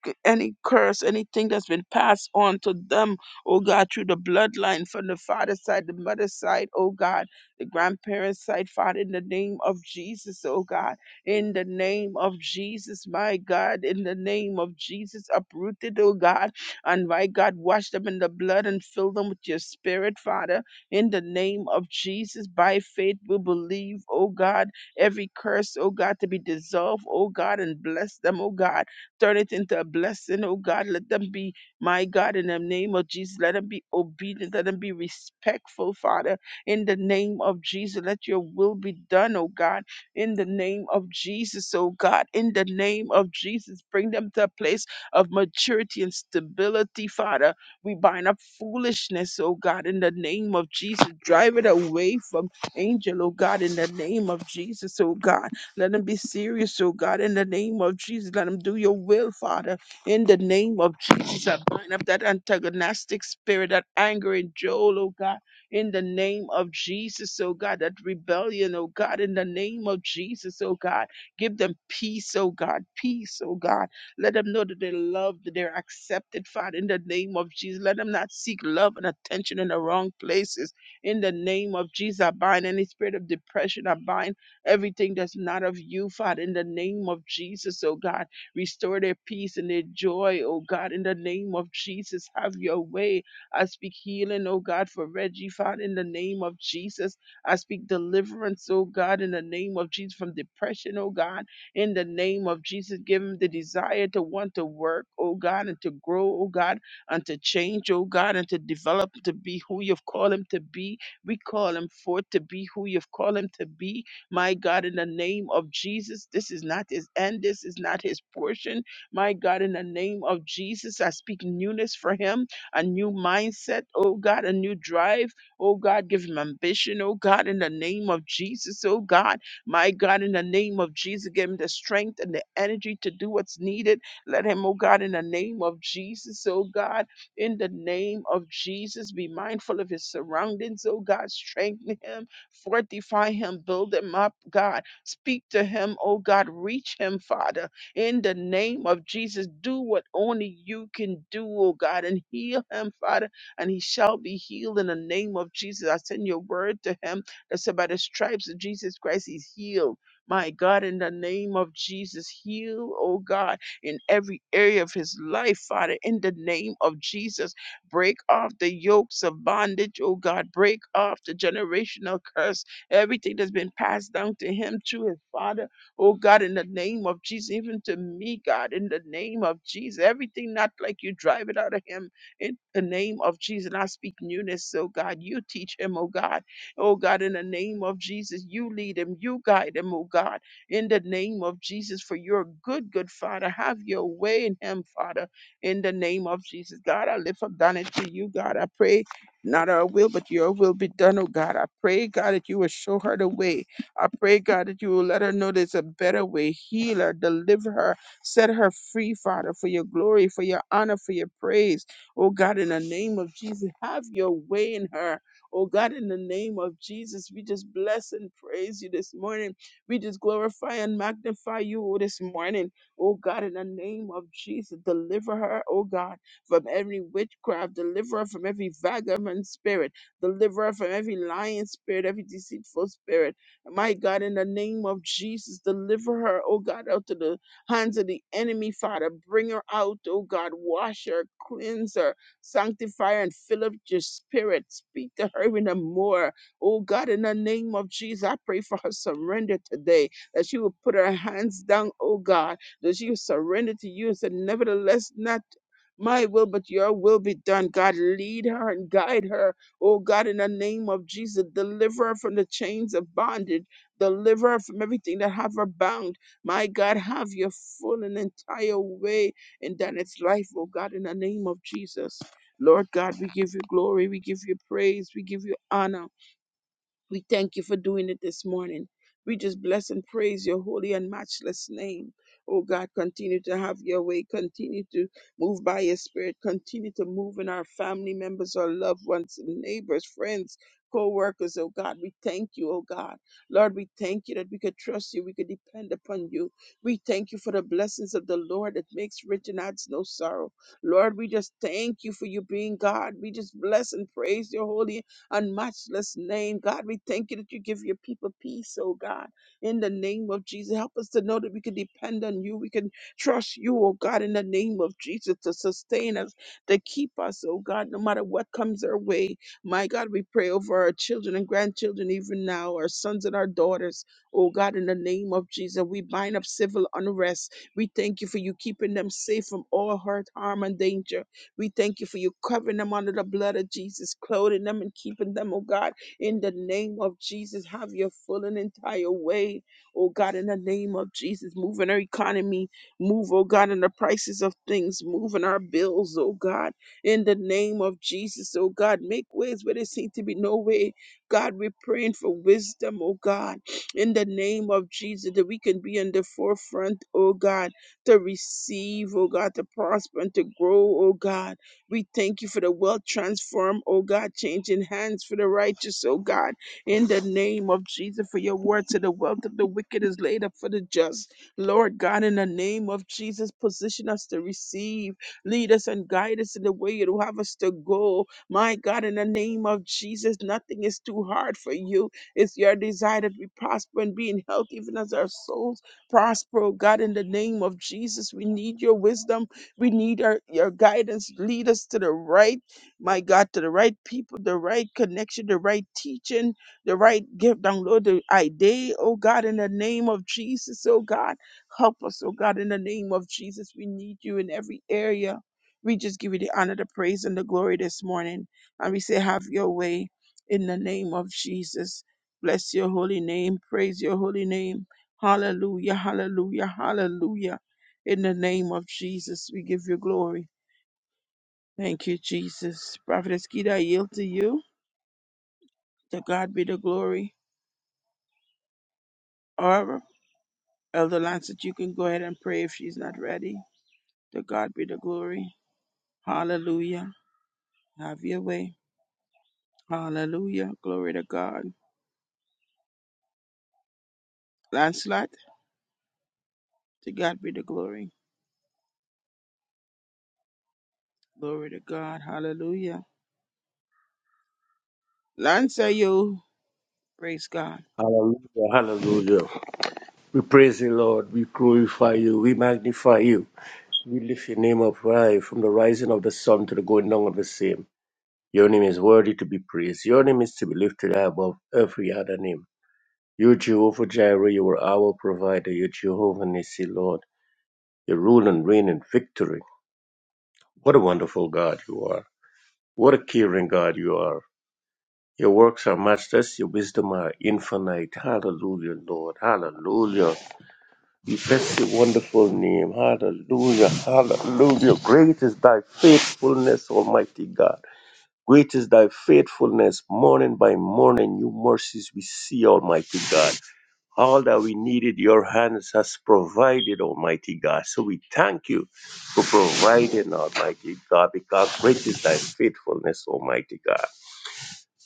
c- any curse, anything that's been passed on to them, oh God, through the bloodline from the father's side, the mother's side, oh God, the grandparents' side, Father, in the name of Jesus, oh God, in the name of Jesus, my God, in the name of Jesus, uprooted, oh God, and my God, wash them in the blood and fill them with your spirit, Father, in the name of Jesus, by faith we believe, oh God, every curse, oh God, to be dissolved, oh God, and bless them, oh God Turn it into a blessing, oh God. Let them be, my God, in the name of Jesus. Let them be obedient. Let them be respectful, Father, in the name of Jesus. Let your will be done, oh God, in the name of Jesus, oh God. In the name of Jesus, bring them to a place of maturity and stability, Father. We bind up foolishness, oh God, in the name of Jesus. Drive it away from angel, oh God, in the name of Jesus, oh God. Let them be serious, oh God, in the name of Jesus. Let them do your will, Father, in the name of Jesus. I bind up that antagonistic spirit, that anger in Joel, oh God, in the name of Jesus, oh God, that rebellion, oh God, in the name of Jesus, oh God. Give them peace, oh God, peace, oh God. Let them know that they're loved, that they're accepted, Father, in the name of Jesus. Let them not seek love and attention in the wrong places. In the name of Jesus, I bind any spirit of depression. I bind everything that's not of you, Father, in the name of Jesus, oh God. Restore their peace and their joy, oh God, in the name of Jesus. Have your way. I speak healing, oh God, for Reggie, Father, in the name of Jesus. I speak deliverance, oh God, in the name of Jesus, from depression, oh God, in the name of Jesus. Give him the desire to want to work, oh God, and to grow, oh God, and to change, oh God, and to develop to be who you've called him to be. We call him forth to be who you've called him to be my God, in the name of Jesus, this is not his end. This is not his portion. My God, in the name of Jesus, I speak newness for him, a new mindset. Oh God, a new drive. Oh God, give him ambition. Oh God, in the name of Jesus. Oh God, my God, in the name of Jesus, give him the strength and the energy to do what's needed. Let him, oh God, in the name of Jesus. Oh God, in the name of Jesus, be mindful of his surroundings. Oh God, strengthen him. Fortify him, build him up, God. Speak to him, oh God. Reach him, Father. In the name of Jesus, do what only you can do, oh God, and heal him, Father, and he shall be healed in the name of Jesus. I send your word to him that said, by the stripes of Jesus Christ, he's healed. My God, in the name of Jesus, heal, oh God, in every area of his life, Father, in the name of Jesus. Break off the yokes of bondage, oh God. Break off the generational curse, everything that's been passed down to him through his father, oh God, in the name of Jesus, even to me, God, in the name of Jesus. Everything not like you, drive it out of him in the name of Jesus. And I speak newness, oh God. You teach him, oh God. Oh God, in the name of Jesus, you lead him, you guide him, oh God in the name of Jesus for your good, good Father. Have your way in him, Father in the name of Jesus. God, I lift up Donna to you, God. I pray not our will, but your will be done, oh God. I pray, God, that you will show her the way. I pray, God, that you will let her know there's a better way. Heal her, deliver her, set her free, Father, for your glory, for your honor, for your praise. Oh God, in the name of Jesus, have your way in her. Oh God, in the name of Jesus, we just bless and praise you this morning. We just glorify and magnify you oh, this morning. Oh God, in the name of Jesus, deliver her, oh God, from every witchcraft, deliver her from every vagabond spirit, deliver her from every lying spirit, every deceitful spirit. My God, in the name of Jesus, deliver her, oh God, out of the hands of the enemy, Father. Bring her out, oh God, wash her, cleanse her, sanctify her, and fill up your spirit. Speak to her in the more. Oh God, in the name of Jesus, I pray for her surrender today, that she will put her hands down, oh God that she surrendered to you and said, Nevertheless, not my will, but your will be done. God, lead her and guide her. Oh God, in the name of Jesus, deliver her from the chains of bondage. Deliver her from everything that have her bound. My God, have your full and entire way in Danette's life, oh God, in the name of Jesus. Lord God, we give you glory, we give you praise, we give you honor. We thank you for doing it this morning. We just bless and praise your holy and matchless name. Oh God, continue to have your way. Continue to move by your spirit. Continue to move in our family members, our loved ones, neighbors, friends, co workers. Oh God, we thank you, oh God. Lord, we thank you that we could trust you. We could depend upon you. We thank you for the blessings of the Lord that makes rich and adds no sorrow. Lord, we just thank you for you being God. We just bless and praise your holy and matchless name. God, we thank you that you give your people peace, oh God, in the name of Jesus. Help us to know that we can depend on you. We can trust you, oh God, in the name of Jesus to sustain us, to keep us, oh God, no matter what comes our way. My God, we pray over our children and grandchildren, even now, our sons and our daughters, oh God, in the name of Jesus. We bind up civil unrest. We thank you for you keeping them safe from all hurt, harm, and danger. We thank you for you covering them under the blood of Jesus, clothing them and keeping them, oh God, in the name of Jesus. Have your full and entire way, oh God, in the name of Jesus. Move in our economy, move, oh God, in the prices of things, move in our bills, oh God, in the name of Jesus, oh God. Make ways where there seem to be no way. God, we're praying for wisdom, oh God, in the name of Jesus, that we can be in the forefront, oh God to receive, oh God, to prosper and to grow, oh God. We thank you for the wealth transformed, oh God, changing hands for the righteous, oh God. In the name of Jesus, for your word to the wealth of the wicked is laid up for the just. Lord God, in the name of Jesus, position us to receive, lead us and guide us in the way you have us to go. My God, in the name of Jesus, nothing is too hard for you. It's your desire that we prosper and be in health, even as our souls prosper, oh God, in the name of Jesus. We need your wisdom. We need our, your guidance. Lead us to the right, my God, to the right people, the right connection, the right teaching, the right gift. Download the idea, oh God, in the name of Jesus, oh God. Help us, oh God, in the name of Jesus. We need you in every area. We just give you the honor, the praise, and the glory this morning. And we say, Have your way in the name of Jesus. Bless your holy name. Praise your holy name. Hallelujah, hallelujah, hallelujah. In the name of Jesus, we give you glory. Thank you, Jesus. Prophetess Keita, I yield to you. To God be the glory. Or Elder Lancet, you can go ahead and pray if she's not ready. To God be the glory. Hallelujah. Have your way. Hallelujah. Glory to God. Lancelot, to God be the glory. Glory to God. Hallelujah. Lance, are you? Praise God.
Hallelujah, hallelujah. We praise the Lord. We glorify you. We magnify you. We lift your name up high from the rising of the sun to the going down of the same. Your name is worthy to be praised. Your name is to be lifted high above every other name. You, Jehovah Jireh, you are our provider. You, Jehovah Nissi, Lord. You rule and reign in victory. What a wonderful God you are. What a caring God you are. Your works are matchless. Your wisdom are infinite. Hallelujah, Lord. Hallelujah. We Bless your wonderful name. Hallelujah. Hallelujah. Great is thy faithfulness, Almighty God. Great is thy faithfulness. Morning by morning, new mercies we see, Almighty God. All that we needed, your hands has provided, Almighty God. So we thank you for providing, Almighty God, because great is thy faithfulness, Almighty God.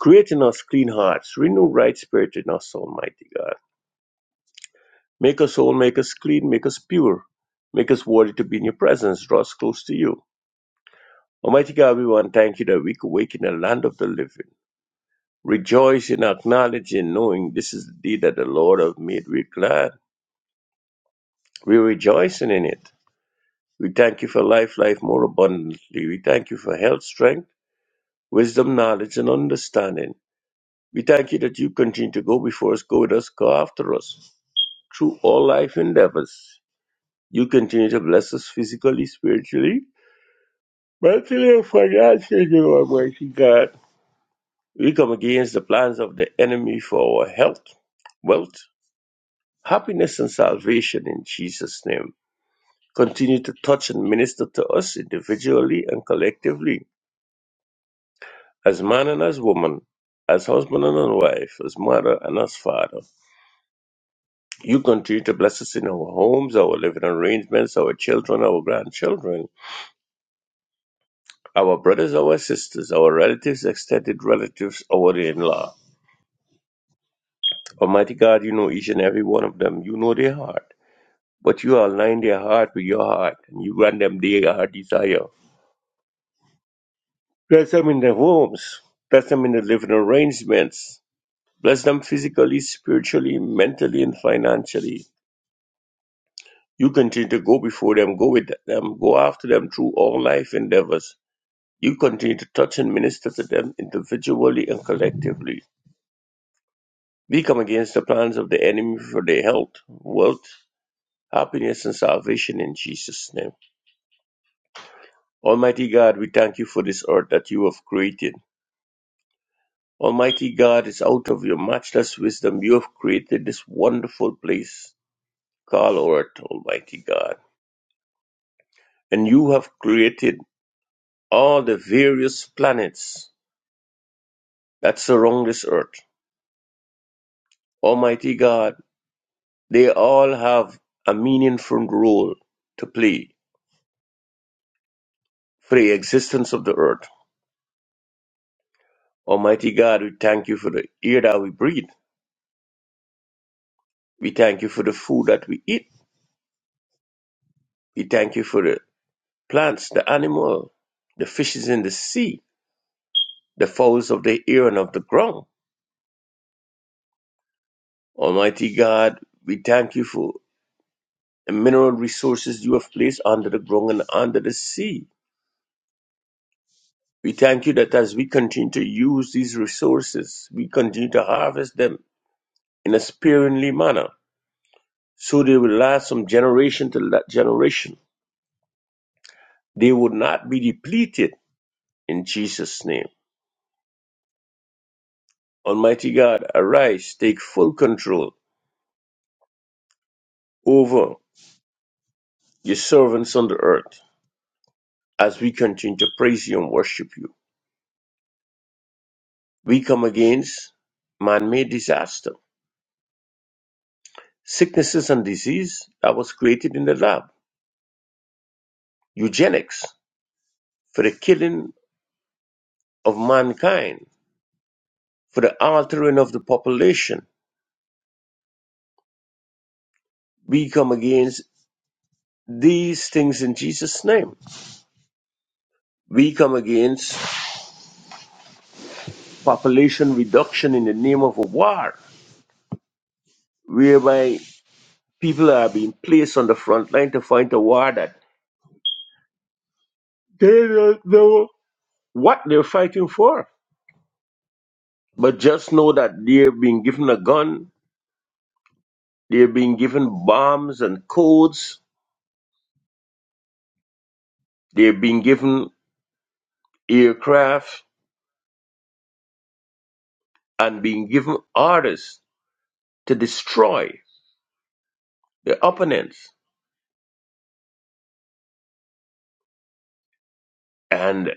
Create in us clean hearts, renew right spirit in us, Almighty God. Make us whole, make us clean, make us pure, make us worthy to be in your presence, draw us close to you. Almighty God, we want to thank you that we could wake in the land of the living. Rejoice and acknowledge in knowing this is the day that the Lord hath made. We're glad. We're rejoicing in it. We thank you for life, life more abundantly. We thank you for health, strength, wisdom, knowledge, and understanding. We thank you that you continue to go before us, go with us, go after us through all life endeavors. You continue to bless us physically, spiritually, But today, for God's sake, Almighty God, we come against the plans of the enemy for our health, wealth, happiness, and salvation in Jesus' name. Continue to touch and minister to us individually and collectively, as man and as woman, as husband and as wife, as mother and as father. You continue to bless us in our homes, our living arrangements, our children, our grandchildren, our brothers, our sisters, our relatives, extended relatives, our in law. Almighty God, you know each and every one of them. You know their heart. But you align their heart with your heart, and you grant them their heart desire. Bless them in their homes. Bless them in their living arrangements. Bless them physically, spiritually, mentally, and financially. You continue to go before them, go with them, go after them through all life endeavors. You continue to touch and minister to them individually and collectively. We come against the plans of the enemy for their health, wealth, happiness, and salvation in Jesus' name. Almighty God, we thank you for this earth that you have created. Almighty God, it's out of your matchless wisdom you have created this wonderful place called Earth, Almighty God. And you have created all the various planets that surround this earth. Almighty God, they all have a meaningful role to play for the existence of the earth. Almighty God, we thank you for the air that we breathe. We thank you for the food that we eat. We thank you for the plants, the animal, the fishes in the sea, the fowls of the air and of the ground. Almighty God, we thank you for the mineral resources you have placed under the ground and under the sea. We thank you that as we continue to use these resources, we continue to harvest them in a sparingly manner, so they will last from generation to la- generation. They will not be depleted in Jesus' name. Almighty God, arise, take full control over your servants on the earth, as we continue to praise you and worship you. We come against man made disaster, sicknesses and disease that was created in the lab, eugenics for the killing of mankind, for the altering of the population. We come against these things in Jesus' name. We come against population reduction in the name of a war, whereby people are being placed on the front line to fight a war that they don't know what they're fighting for. But just know that they're being given a gun, they're being given bombs and codes, they're being given aircraft and being given orders to destroy the opponents. And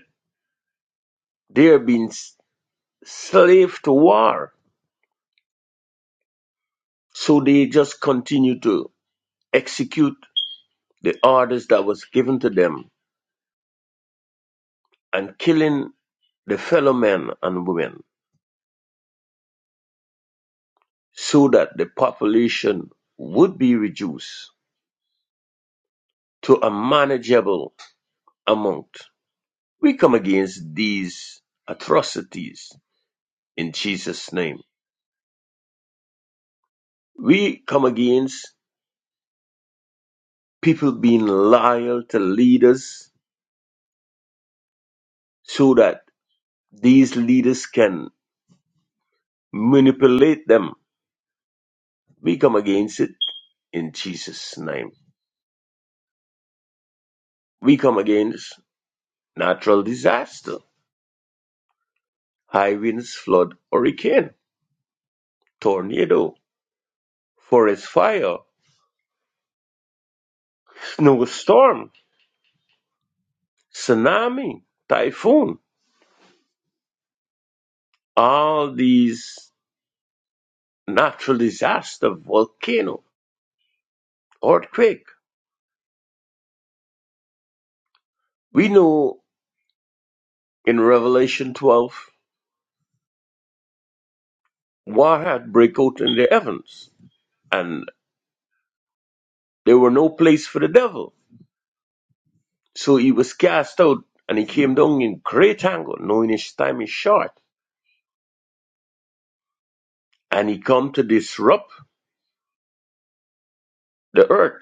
they're being s- slave to war. So they just continue to execute the orders that was given to them and killing the fellow men and women so that the population would be reduced to a manageable amount. We come against these atrocities in Jesus' name. We come against people being loyal to leaders so that these leaders can manipulate them. We come against it in Jesus' name. We come against natural disaster, high winds, flood, hurricane, tornado, forest fire, snowstorm, tsunami, typhoon, all these natural disaster, volcano, earthquake. We know in Revelation 12, war had break out in the heavens, and there were no place for the devil. So he was cast out, and he came down in great anger, knowing his time is short, and he come to disrupt the earth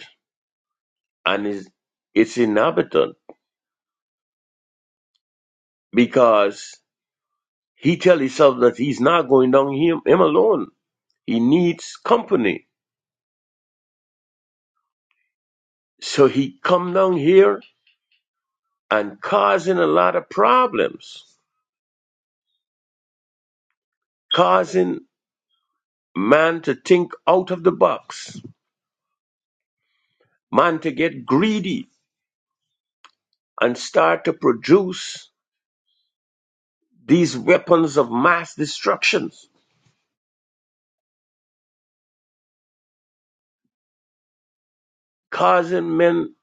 and his, its inhabitant, because he tell himself that he's not going down him, him alone. He needs company. So he come down here and causing a lot of problems, causing man to think out of the box, man to get greedy and start to produce these weapons of mass destructions, causing men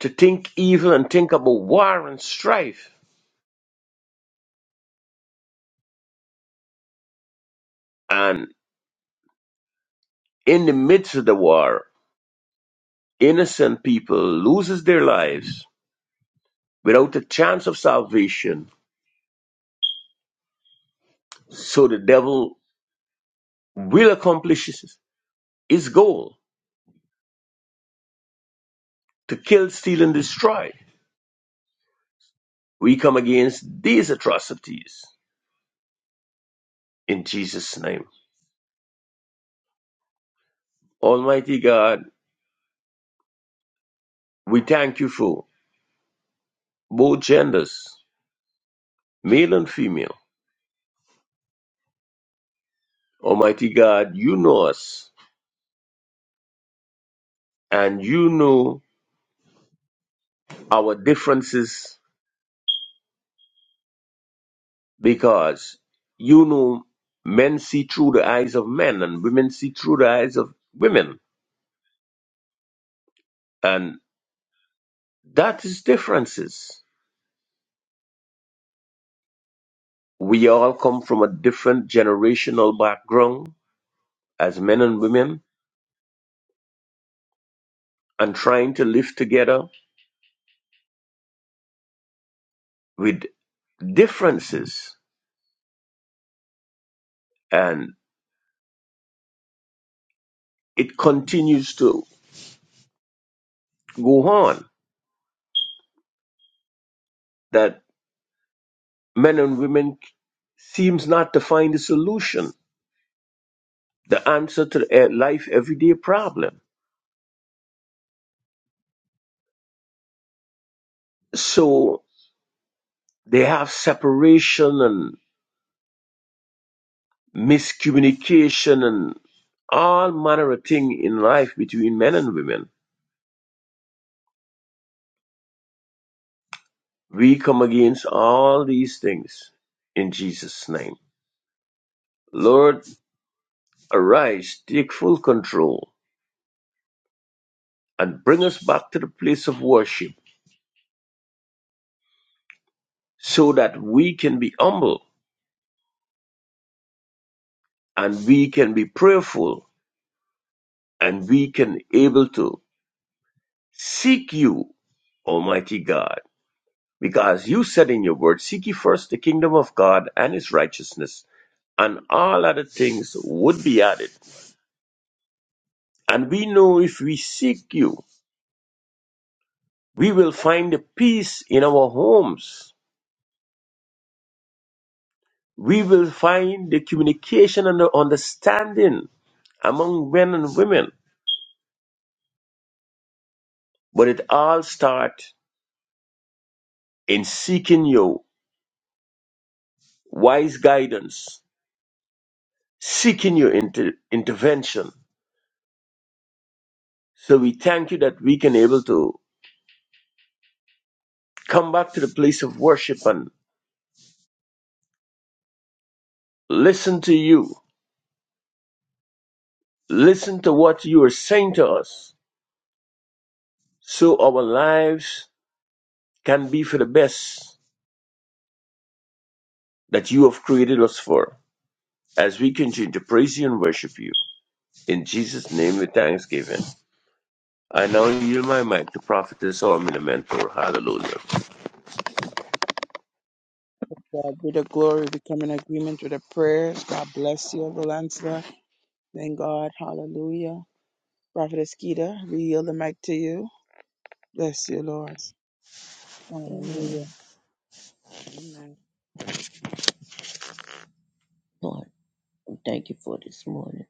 to think evil and think about war and strife. And in the midst of the war, innocent people loses their lives without a chance of salvation. So the devil will accomplish his his goal to kill, steal, and destroy We come against these atrocities in Jesus' name. Almighty God, we thank you for both genders, male and female. Almighty God, you know us and you know our differences because you know men see through the eyes of men and women see through the eyes of women. And that is differences. We all come from a different generational background as men and women and trying to live together with differences and it continues to go on that men and women seems not to find a solution the answer to the life everyday problem so they have separation and miscommunication and all manner of thing in life between men and women we come against all these things in jesus name lord arise take full control and bring us back to the place of worship so that we can be humble and we can be prayerful and we can able to seek you, Almighty God. Because you said in your word, seek ye first the kingdom of God and his righteousness, and all other things would be added. And we know if we seek you, we will find the peace in our homes. We will find the communication and the understanding among men and women But it all starts in seeking your wise guidance, seeking your inter- intervention. So we thank you that we can able to come back to the place of worship and listen to you, listen to what you are saying to us, so our lives can be for the best that you have created us for. As we continue to praise you and worship you. In Jesus' name with thanksgiving. I now yield my mic to prophetess or mentor. Hallelujah.
God be the glory. We come in agreement with the prayers. God bless you, Valencia. Thank God. Hallelujah. Prophet Eskita, we yield the mic to you. Bless you, Lord.
Amen.
Hallelujah. Amen.
Lord, we thank you for this morning,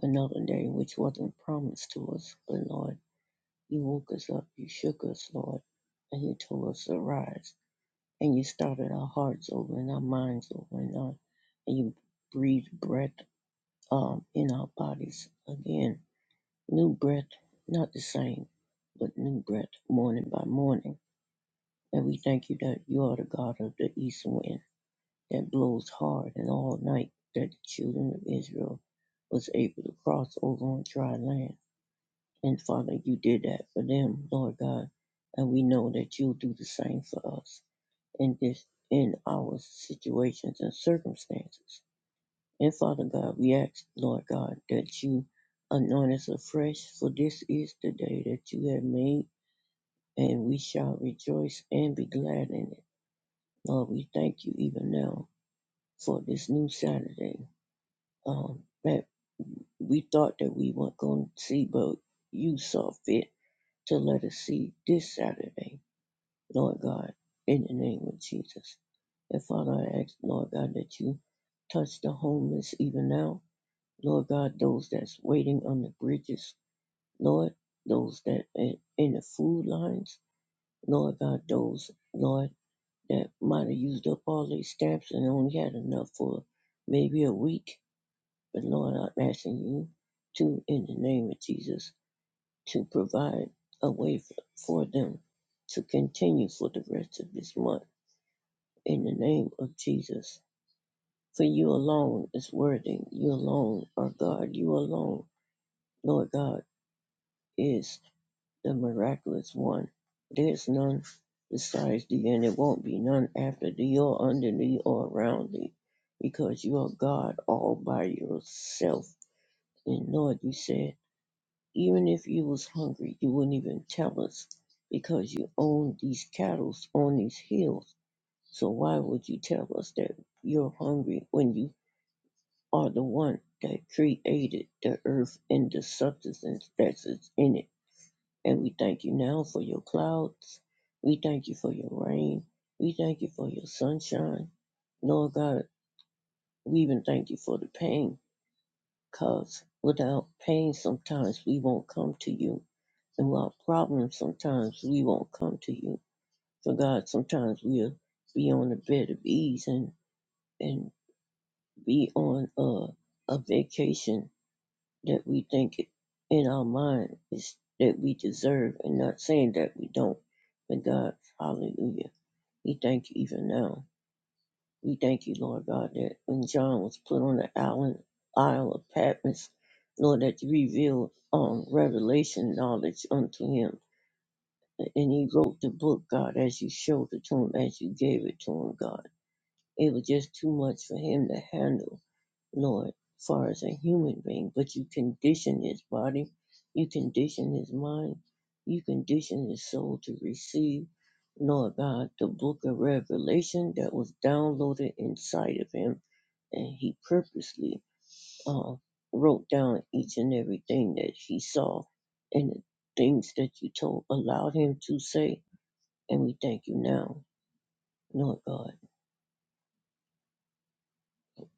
another day which wasn't promised to us. But Lord, you woke us up, you shook us, Lord, and you told us to rise. And you started our hearts over and our minds over and our, and you breathed breath um, in our bodies again. New breath, not the same, but new breath morning by morning. And we thank you that you are the God of the east wind that blows hard, and all night that the children of Israel was able to cross over on dry land. And Father, you did that for them, Lord God, and we know that you'll do the same for us in this in our situations and circumstances. And Father God, we ask, Lord God, that you anoint us afresh, for this is the day that you have made, and we shall rejoice and be glad in it. Lord, we thank you even now for this new Saturday um, that we thought that we weren't going to see, but you saw fit to let us see this Saturday, Lord God, in the name of Jesus. And Father, I ask, Lord God, that you touch the homeless even now. Lord God, those that's waiting on the bridges, Lord, those that in in the food lines, Lord God, those, Lord, that might have used up all their stamps and only had enough for maybe a week. But Lord, I'm asking you to, in the name of Jesus, to provide a way for, them to continue for the rest of this month in the name of Jesus. For you alone is worthy. You alone are God. You alone, Lord God, is the miraculous one. There's none besides thee, and there won't be none after thee or under thee or around thee, because you are God all by yourself. And Lord, you said. Even if you was hungry, you wouldn't even tell us because you own these cattle on these hills. So why would you tell us that you're hungry when you are the one that created the earth and the substance that is in it? And we thank you now for your clouds. We thank you for your rain. We thank you for your sunshine. Lord God, we even thank you for the pain Because without pain, sometimes we won't come to you. And without problems, sometimes we won't come to you. So, God, sometimes we'll be on a bed of ease and, and be on a, a vacation that we think in our mind is that we deserve, and not saying that we don't. But, God, hallelujah. We thank you even now. We thank you, Lord God, that when John was put on the island, Isle of Patmos, Lord, that you revealed um, revelation knowledge unto him. And he wrote the book, God, as you showed it to him, as you gave it to him, God. It was just too much for him to handle. Lord, far as a human being, but you condition his body, you condition his mind, you condition his soul to receive, Lord God, the book of Revelation that was downloaded inside of him, and he purposely uh, wrote down each and everything that he saw and the things that you told, allowed him to say, and we thank you now, Lord God.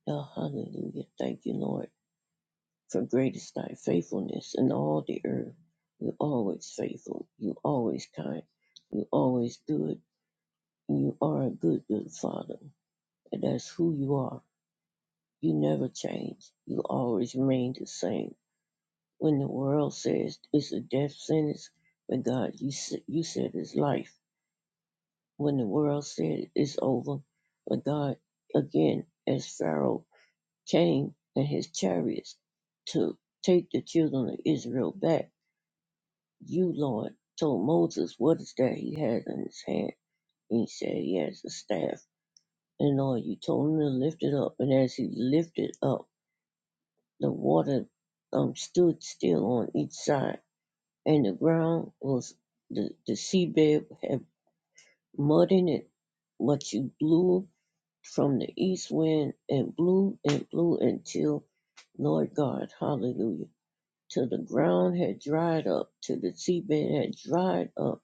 Oh, hallelujah. Thank you, Lord. For great is thy faithfulness in all the earth. You always faithful. You always kind. You always good. You are a good, good father. And that's who you are. You never change. You always remain the same. When the world says it's a death sentence, but God, you, said, you said it's life. When the world said it's over, but God, again, as Pharaoh came and his chariots to take the children of Israel back, You, Lord, told Moses what is that he has in his hand. And he said he has a staff. And Lord, you told him to lift it up. And as he lifted up, the water um, stood still on each side. And the ground was, the, the seabed had mud in it. But you blew from the east wind and blew and blew until, Lord God, hallelujah, till the ground had dried up, till the seabed had dried up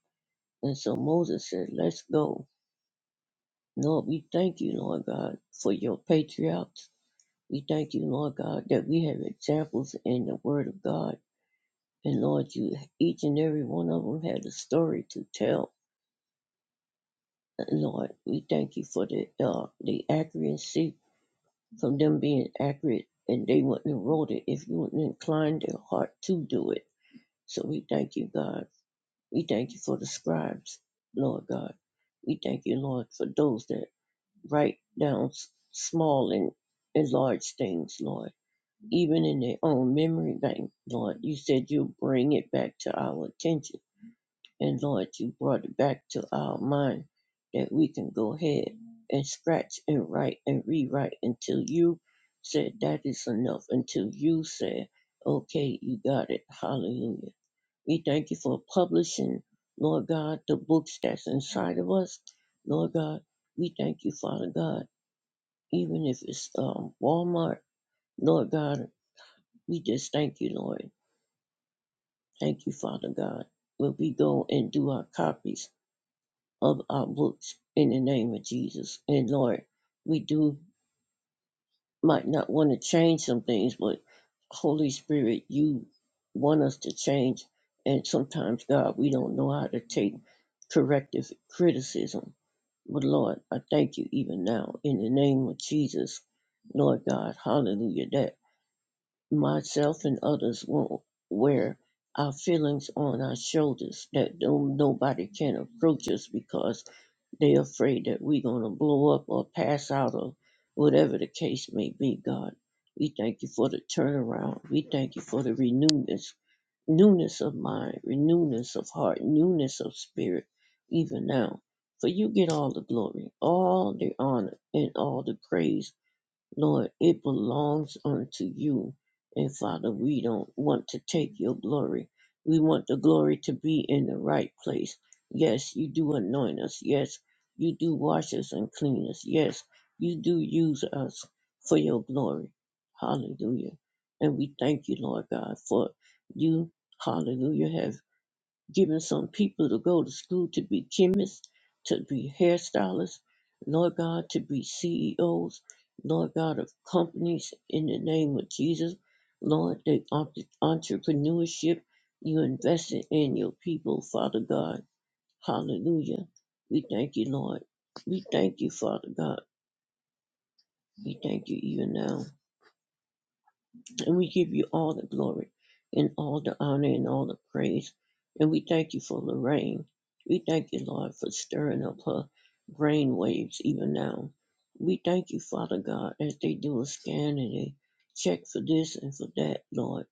And so Moses said, Let's go. Lord, we thank you, Lord God, for your patriarchs. We thank you, Lord God, that we have examples in the Word of God. And Lord, you each and every one of them had a story to tell. And Lord, we thank you for the uh, the accuracy from them being accurate, and they wouldn't have wrote it if you wouldn't incline their heart to do it. So we thank you, God. We thank you for the scribes, Lord God. We thank you, Lord, for those that Write down s- small and, and large things, Lord, even in their own memory bank, Lord. You said you'll bring it back to our attention. And Lord, you brought it back to our mind that we can go ahead and scratch and write and rewrite until you said that is enough, until you said, okay, you got it. Hallelujah. We thank you for publishing, Lord God, the books that's inside of us. Lord God, we thank you, Father God even if it's um, Walmart. Lord God, we just thank you, Lord. Thank you, Father God. When we go and do our copies of our books in the name of Jesus. And Lord, we do might not want to change some things, but Holy Spirit, you want us to change. And sometimes, God, we don't know how to take corrective criticism. But Lord, I thank you even now in the name of Jesus. Lord God, hallelujah. That. myself and others won't wear our feelings on our shoulders that no, nobody can approach us because they're afraid that we're going to blow up or pass out or whatever the case may be god we thank you for the turnaround we thank you for the renewness newness of mind renewness of heart newness of spirit even now for you get all the glory all the honor and all the praise Lord, it belongs unto you. And Father, we don't want to take your glory. We want the glory to be in the right place. Yes, you do anoint us. Yes, you do wash us and clean us. Yes, you do use us for your glory. Hallelujah. And we thank you, Lord God, for you, hallelujah, have giving some people to go to school to be chemists, to be hairstylists, Lord God, to be CEOs, Lord God, of companies in the name of Jesus. Lord, the entre- entrepreneurship you invested in your people, Father God. Hallelujah. We thank you, Lord. We thank you, Father God. We thank you even now. And we give you all the glory and all the honor and all the praise. And we thank you for Lorraine. We thank you, Lord, for stirring up her brain waves even now. We thank you, Father God, as they do a scan and they check for this and for that, Lord,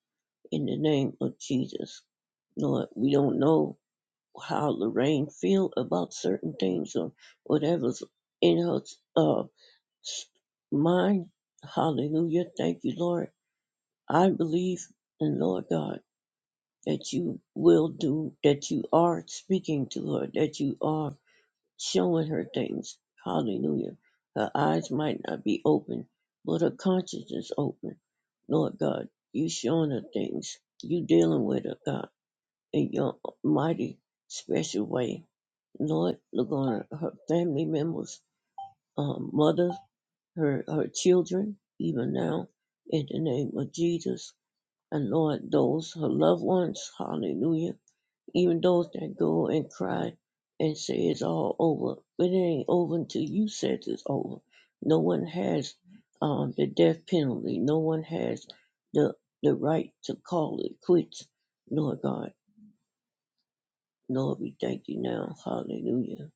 in the name of Jesus. Lord, we don't know how Lorraine feel about certain things or whatever's in her uh, mind. Hallelujah. Thank you, Lord. I believe in Lord God. that you will do, that you are speaking to her, that you are showing her things. Hallelujah. Her eyes might not be open, but her conscience is open. Lord God, you showing her things. You dealing with her, God, in your mighty special way. Lord, look on her, her family members, um, mother, her, her children, even now, in the name of Jesus. And Lord, those, her loved ones, hallelujah even those that go and cry and say it's all over. But it ain't over until you says it's over. No one has um, the death penalty. No one has the the right to call it quits. Lord God, Lord, we thank you now. Hallelujah.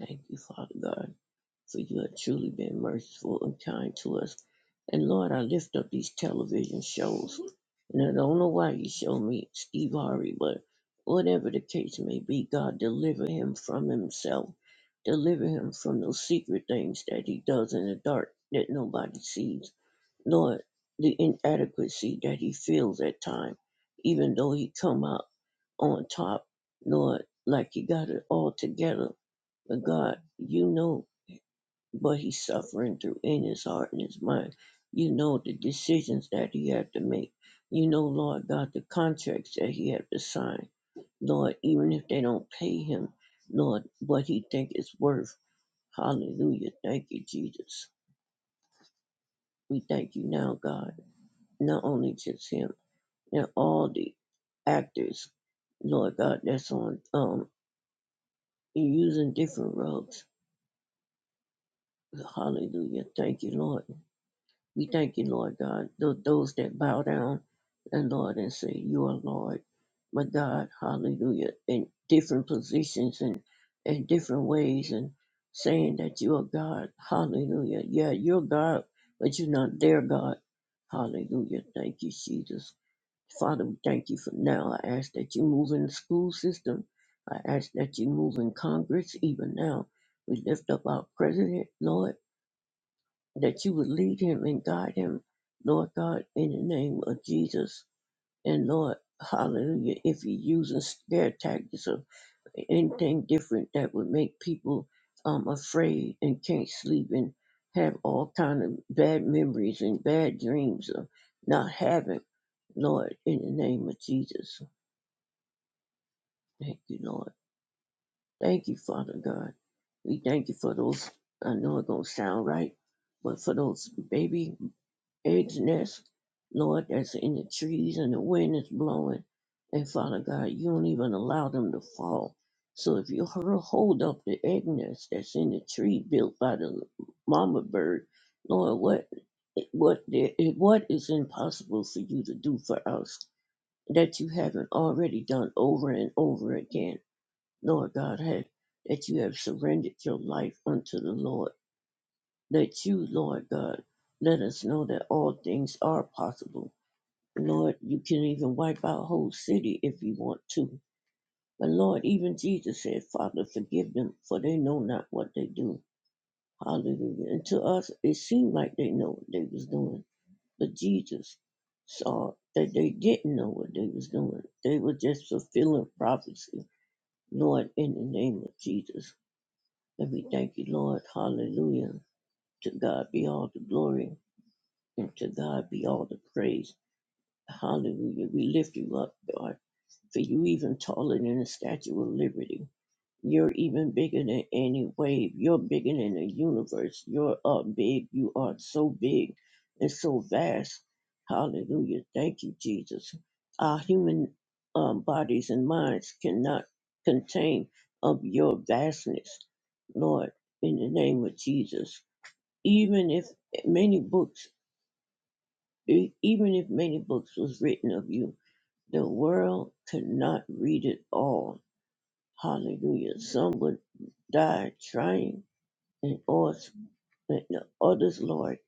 Thank you, Father God. for you have truly been merciful and kind to us. And Lord, I lift up these television shows. And I don't know why you show me Steve Harvey, but whatever the case may be, God, deliver him from himself. Deliver him from those secret things that he does in the dark that nobody sees. Lord, the inadequacy that he feels at times, even though he come out on top, Lord, like he got it all together. But God, you know but he's suffering through in his heart and his mind. You know the decisions that he had to make. You know, Lord God, the contracts that he had to sign. Lord, even if they don't pay him, Lord, what he think is worth. Hallelujah. Thank you, Jesus. We thank you now, God. Not only just him and all the actors, Lord God, that's on um using different roads. Hallelujah. Thank you, Lord. We thank you, Lord God, tho- those that bow down and Lord and say, You are Lord, my God, hallelujah, in different positions and in different ways and saying that you are God, hallelujah. Yeah, you're God, but you're not their God. Hallelujah. Thank you, Jesus. Father, we thank you for now. I ask that you move in the school system. I ask that you move in Congress even now. We lift up our president, Lord that you would lead him and guide him, Lord God, in the name of Jesus. And Lord, hallelujah, if you're using scare tactics or anything different that would make people um, afraid and can't sleep and have all kind of bad memories and bad dreams of not having, Lord, in the name of Jesus. Thank you, Lord. Thank you, Father God. We thank you for those, I know it don't sound right, but for those baby eggs nest, Lord, that's in the trees and the wind is blowing. And Father God, you don't even allow them to fall. So if you hur- hold up the egg nest that's in the tree built by the mama bird, Lord, what what the- what is impossible for you to do for us that you haven't already done over and over again, Lord God, have, that you have surrendered your life unto the Lord that you, Lord God, let us know that all things are possible. Lord, you can even wipe out whole city if you want to. But Lord, even Jesus said, Father, forgive them, for they know not what they do. Hallelujah. And to us, it seemed like they know what they was doing. But Jesus saw that they didn't know what they was doing. They were just fulfilling prophecy. Lord, in the name of Jesus. And we thank you, Lord. Hallelujah. To God be all the glory. And to God be all the praise. Hallelujah. We lift you up, God, for you even taller than the Statue of Liberty. You're even bigger than any wave. You're bigger than the universe. You're up big. You are so big and so vast. Hallelujah. Thank you, Jesus. Our human um, bodies and minds cannot contain of your vastness, Lord, in the name of Jesus. Even if many books E- Even if many books was written of you, the world could not read it all. Hallelujah. Some would die trying, and others, and the others, Lord.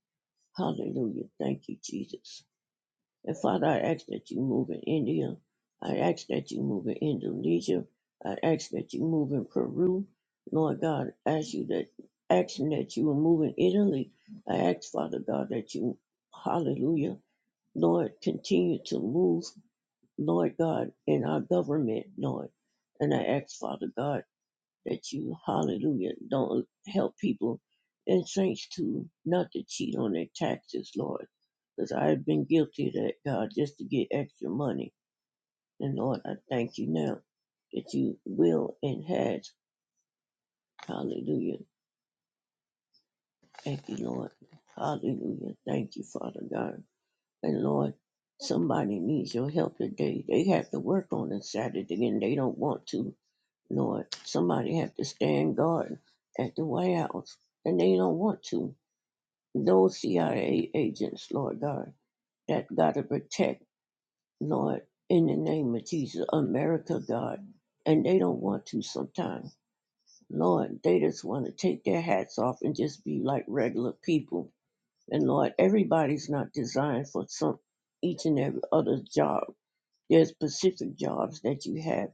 Hallelujah. Thank you, Jesus. And Father, I ask that you move in India. I ask that you move in Indonesia. I ask that you move in Peru. Lord God, I ask you that action that you will move in Italy. I ask, Father God, that you, hallelujah, Lord, continue to move. Lord God, in our government, Lord. And I ask, Father God, that you, hallelujah, don't help people and saints to not to cheat on their taxes, Lord. Because I have been guilty of that, God, just to get extra money. And Lord, I thank you now that you will and has. Hallelujah. Thank you, Lord. Hallelujah. Thank you, Father God. And Lord, somebody needs your help today. They have to work on a Saturday and they don't want to Lord, somebody have to stand guard at the White House, and they don't want to. Those CIA agents, Lord God, that got to protect, Lord, in the name of Jesus, America, God, and they don't want to sometimes. Lord, they just want to take their hats off and just be like regular people. And Lord, everybody's not designed for some each and every other job there's specific jobs that you have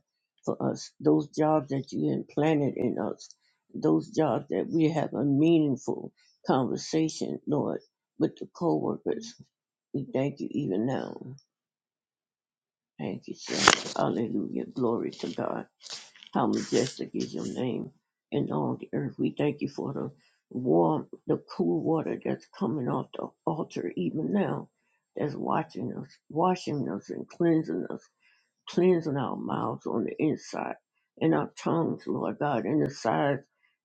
for us, those jobs that you implanted in us, those jobs that we have a meaningful conversation, Lord, with the co-workers. We thank you even now. Thank you, sir. Hallelujah. Glory to God. How majestic is your name in all the earth. We thank you for the warm, the cool water that's coming off the altar even now, that's watching us, washing us and cleansing us Cleansing our mouths on the inside and our tongues, Lord God, and the sides,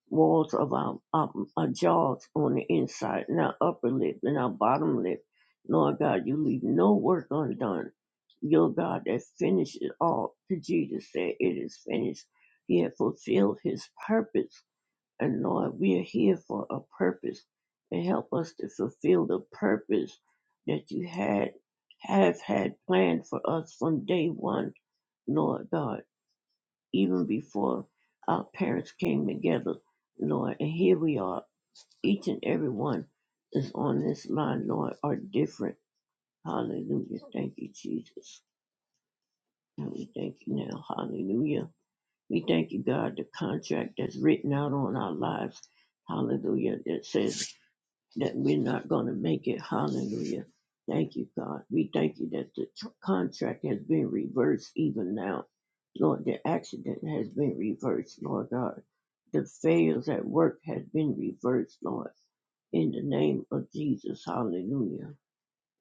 walls of our, our, our jaws on the inside and our upper lip and our bottom lip. Lord God, you leave no work undone. Your God that finished it all. To Jesus said, It is finished. He had fulfilled his purpose. And Lord, we are here for a purpose. And help us to fulfill the purpose that you had have had planned for us from day one Lord God, even before our parents came together, Lord. And here we are. Each and every one is on this line, Lord, are different. Hallelujah. Thank you, Jesus. And we thank you now. Hallelujah. We thank you, God, the contract that's written out on our lives. Hallelujah. That says. that we're not going to make it. Hallelujah. Thank you, God. We thank you that the tr- contract has been reversed even now. Lord, the accident has been reversed, Lord God. The fails at work has been reversed, Lord. In the name of Jesus, hallelujah.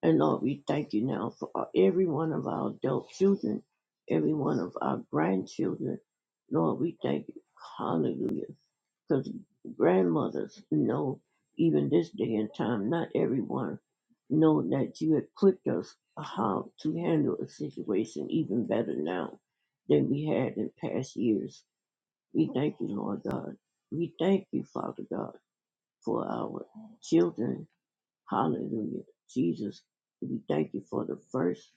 And Lord, we thank you now for our- every one of our adult children, every one of our grandchildren. Lord, we thank you. Hallelujah. Because grandmothers know, even this day and time, not everyone know that you equipped us how to handle a situation even better now than we had in past years. We thank you, Lord God. We thank you, Father God, for our children Hallelujah. Jesus, we thank you for the first.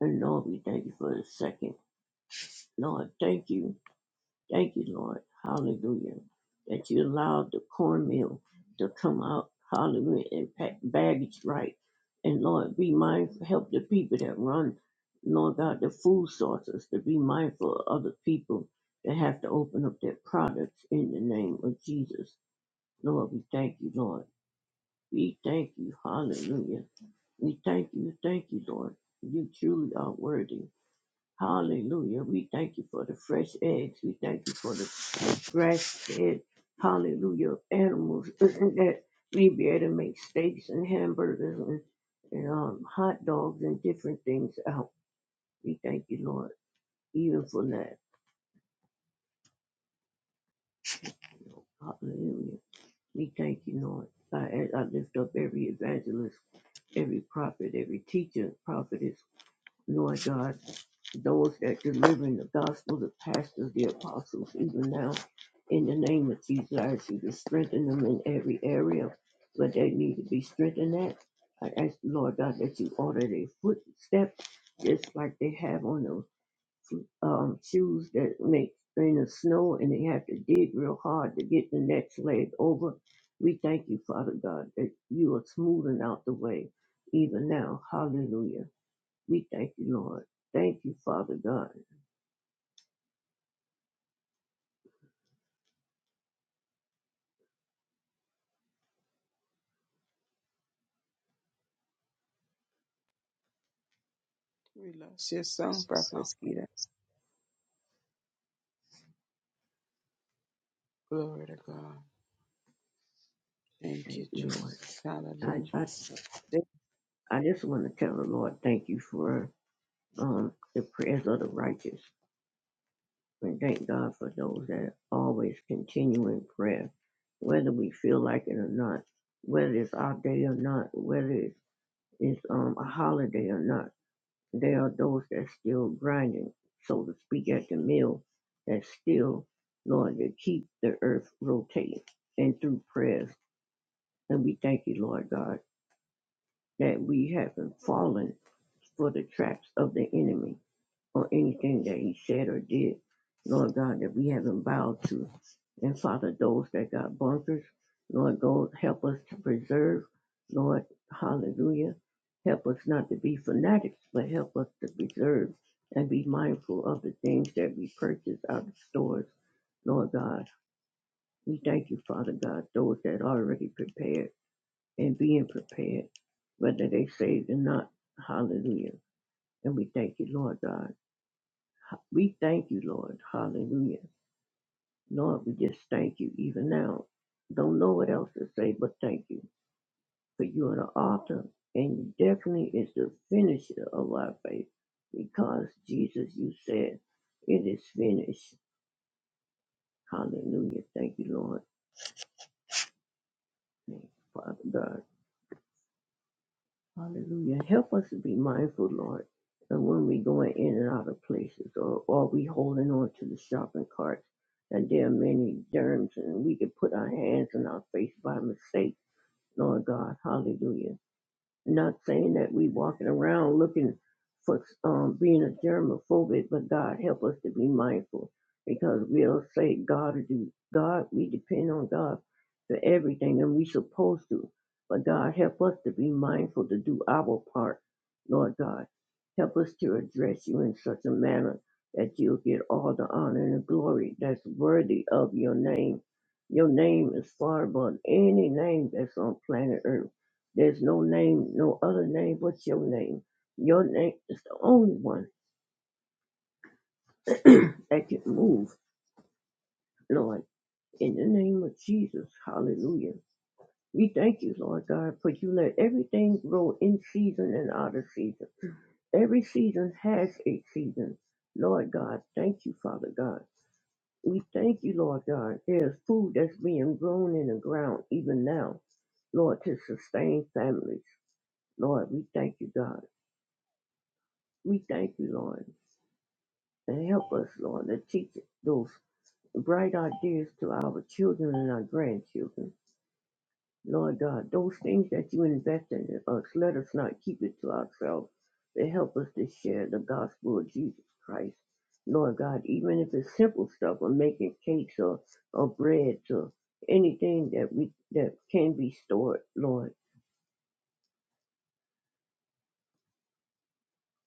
And Lord, we thank you for the second. Lord, thank you. Thank you, Lord. Hallelujah. That you allowed the cornmeal to come out. Hallelujah. And pack baggage right. And Lord, be mindful. Help the people that run, Lord God, the food sources to be mindful of other people that have to open up their products in the name of Jesus. Lord, we thank you, Lord. We thank you. Hallelujah. We thank you, thank you, Lord. You truly are worthy. Hallelujah. We thank you for the fresh eggs. We thank you for the fresh fed, hallelujah, animals <clears throat> that we be able to make steaks and hamburgers and, and um, hot dogs and different things out. We thank you, Lord, even for that. Hallelujah. We thank you, Lord. I, I lift up every evangelist every prophet, every teacher, prophetess, Lord God. those that delivering the gospel, the pastors, the apostles, even now, in the name of Jesus, I ask you to strengthen them in every area where they need to be strengthened at. I ask the Lord God that you order their footsteps, just like they have on those um, shoes that make in the snow and they have to dig real hard to get the next leg over. We thank you, Father God, that you are smoothing out the way even now. Hallelujah. We thank you, Lord. Thank you, Father God.
We lost your song, Prophet Eskita. Glory to God. Thank you,
Thank you, Lord.
Jesus.
I,
Hallelujah.
I, I just want to tell the Lord, thank you for um, the prayers of the righteous. And thank God for those that always continue in prayer, whether we feel like it or not, whether it's our day or not, whether it's, it's um, a holiday or not. There are those that still grinding, so to speak, at the mill, that still, Lord, to keep the earth rotating and through prayers. And we thank you, Lord God. that we haven't fallen for the traps of the enemy or anything that he said or did, Lord God, that we haven't bowed to. And Father, those that got bunkers, Lord, God, help us to preserve, Lord, hallelujah. Help us not to be fanatics, but help us to preserve and be mindful of the things that we purchase out of stores, Lord God. We thank you, Father God, those that are already prepared and being prepared, whether they saved or not. Hallelujah. And we thank you, Lord God. We thank you, Lord. Hallelujah. Lord, we just thank you even now. Don't know what else to say but thank you. For you are the author and you definitely is the finisher of our faith. Because Jesus, you said, it is finished. Hallelujah. Thank you, Lord. Thank you, Father God. Hallelujah. Help us to be mindful, Lord, that when we going in and out of places or, are we holding on to the shopping carts, that there are many germs and we can put our hands in our face by mistake, Lord God. Hallelujah. Not saying that we walking around looking for um, being a germophobic, but God help us to be mindful because we'll say God will do God. We depend on God for everything, and we supposed to. But God help us to be mindful to do our part, Lord God. Help us to address you in such a manner that you'll get all the honor and the glory that's worthy of your name. Your name is far above any name that's on planet Earth. There's no name, no other name but your name. Your name is the only one <clears throat> that can move, Lord. In the name of Jesus, hallelujah. We thank you, Lord God, for you let everything grow in season and out of season. Every season has a season. Lord God, thank you, Father God. We thank you, Lord God. There's food that's being grown in the ground even now, Lord, to sustain families. Lord, we thank you, God. We thank you, Lord. and help us, Lord, to teach those bright ideas to our children and our grandchildren. Lord God, those things that you invest in us, let us not keep it to ourselves, but help us to share the gospel of Jesus Christ. Lord God, even if it's simple stuff of making cakes or, or breads or anything that we that can be stored, Lord.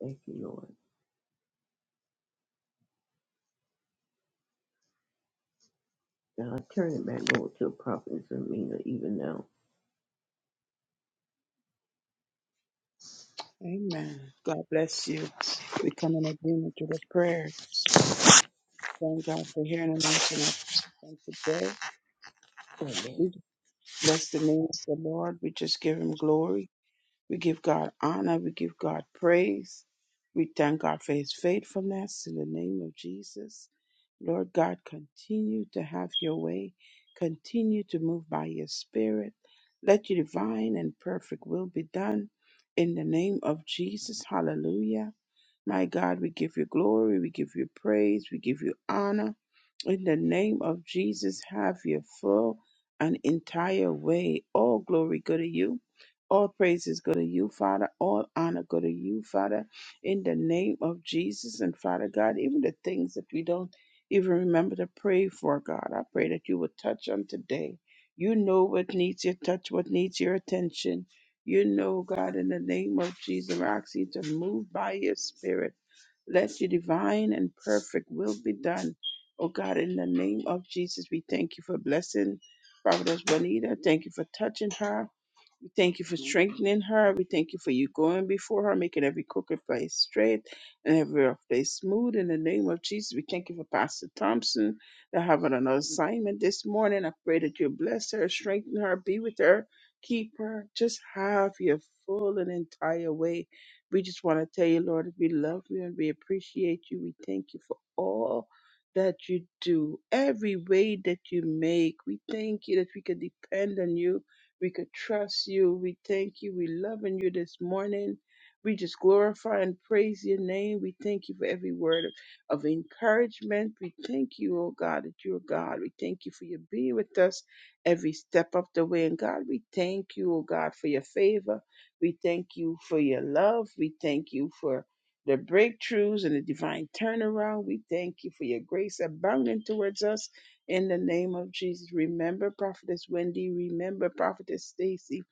Thank you, Lord. Now I turn it back over to Prophet Sermina even now.
Amen. God bless you. We come in agreement with the prayers. Thank God for hearing and answering our prayers on today. We
Amen.
just bless the name of the Lord. We just give him glory. We give God honor. We give God praise. We thank God for his faithfulness in the name of Jesus. Lord God, continue to have your way. Continue to move by your spirit. Let your divine and perfect will be done in the name of Jesus. Hallelujah. My God, we give you glory, we give you praise, we give you honor. In the name of Jesus, have your full and entire way. All glory go to you. All praises go to you, Father. All honor go to you, Father. In the name of Jesus and Father God, even the things that we don't even remember to pray for, God, I pray that you would touch on today. You know what needs your touch, what needs your attention. You know, God, in the name of Jesus, we're you to move by your spirit. Let your divine and perfect will be done. Oh God, in the name of Jesus, we thank you for blessing Prophetess Bonita. Thank you for touching her. We thank you for strengthening her. We thank you for you going before her, making every crooked place straight and every rough place smooth. In the name of Jesus, we thank you for Pastor Thompson. They're having another assignment this morning. I pray that you bless her, strengthen her, be with her, keep her. Just have your full and entire way. We just want to tell you, Lord, that we love you and we appreciate you. We thank you for all that you do, every way that you make. We thank you that we can depend on you we could trust you. We thank you. We loving you this morning. We just glorify and praise your name. We thank you for every word of, of encouragement. We thank you, oh God, that you're God. We thank you for your being with us every step of the way. And God, we thank you, oh God, for your favor. We thank you for your love. We thank you for the breakthroughs and the divine turnaround. We thank you for your grace abounding towards us in the name of Jesus. Remember Prophetess Wendy. Remember Prophetess Stacy.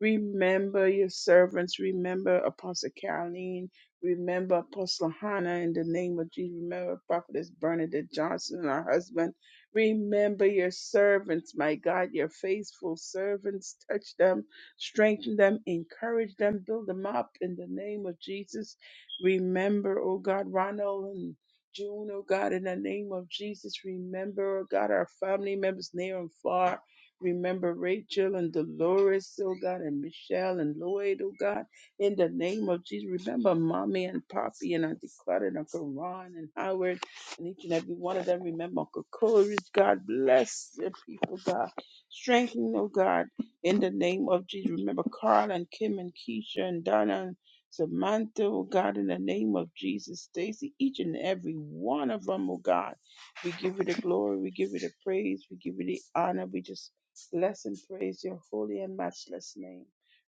Remember your servants. Remember Apostle Caroline. Remember Apostle Hannah in the name of Jesus. Remember Prophetess Bernadette Johnson, and her husband. Remember your servants, my God, your faithful servants. Touch them, strengthen them, encourage them, build them up in the name of Jesus. Remember, oh God, Ronald and June, oh God, in the name of Jesus, remember, oh God, our family members near and far. Remember Rachel and Dolores, oh God, and Michelle and Lloyd, oh God, in the name of Jesus. Remember Mommy and Poppy and Auntie Claudia and Uncle Ron and Howard and each and every one of them. Remember Uncle Coleridge, God bless the people, God. Strengthen, oh God, in the name of Jesus. Remember Carl and Kim and Keisha and Donna and Samantha, oh God, in the name of Jesus, Stacy, each and every one of them, oh God. We give you the glory, we give you the praise, we give you the honor. We just bless and praise your holy and matchless name.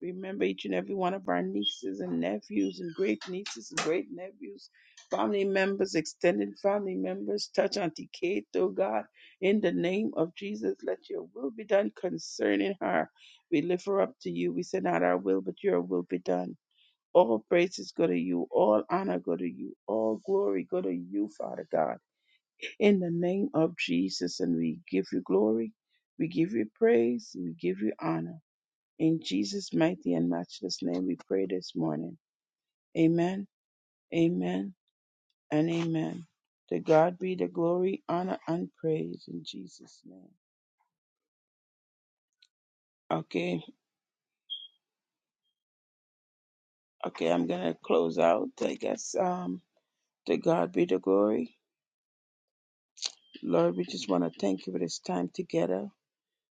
Remember each and every one of our nieces and nephews and great nieces and great nephews, family members, extended family members. Touch Auntie Kate, oh God, in the name of Jesus. Let your will be done concerning her. We lift her up to you. We send out our will, but your will be done. All praises go to you. All honor go to you. All glory go to you, Father God. In the name of Jesus, and we give you glory. We give you praise. We give you honor. In Jesus' mighty and matchless name, we pray this morning. Amen, amen, and amen. To God be the glory, honor, and praise in Jesus' name. Okay, okay, I'm gonna close out. I guess um, to God be the glory. Lord, we just want to thank you for this time together.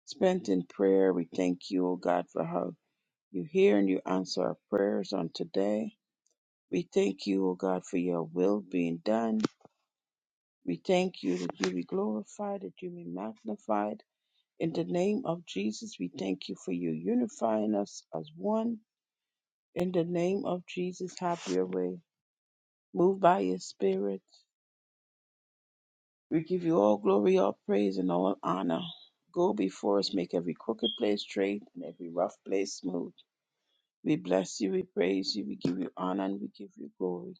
spent in prayer. We thank you, O God, for how you hear and you answer our prayers on today. We thank you, O God, for your will being done. We thank you that you be glorified, that you be magnified. In the name of Jesus, we thank you for you unifying us as one. In the name of Jesus, have your way. Move by your spirit. We give you all glory, all praise, and all honor. Go before us, make every crooked place straight and every rough place smooth. We bless you, we praise you, we give you honor, and we give you glory.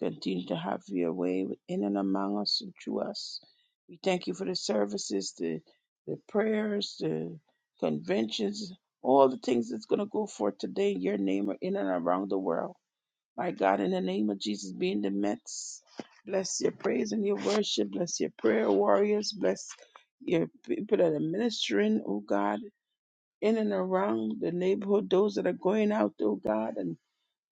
Continue to have your way in and among us and through us. We thank you for the services, the, the prayers, the conventions, all the things that's going to go forth today in your name or in and around the world. My God, in the name of Jesus, be in the midst. Bless your praise and your worship. Bless your prayer warriors. Bless your people that are ministering, oh God in and around the neighborhood, those that are going out, oh God, and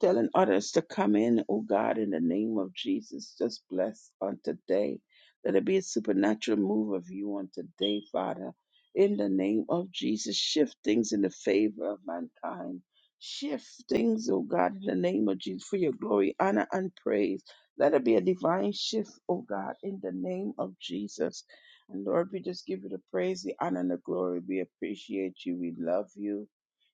telling others to come in, oh God, in the name of Jesus. Just bless on today. Let it be a supernatural move of you on today, Father. In the name of Jesus, shift things in the favor of mankind. Shift things, oh God, in the name of Jesus, for your glory, honor, and praise. Let it be a divine shift, oh God, in the name of Jesus. And Lord, we just give you the praise, the honor, and the glory. We appreciate you. We love you.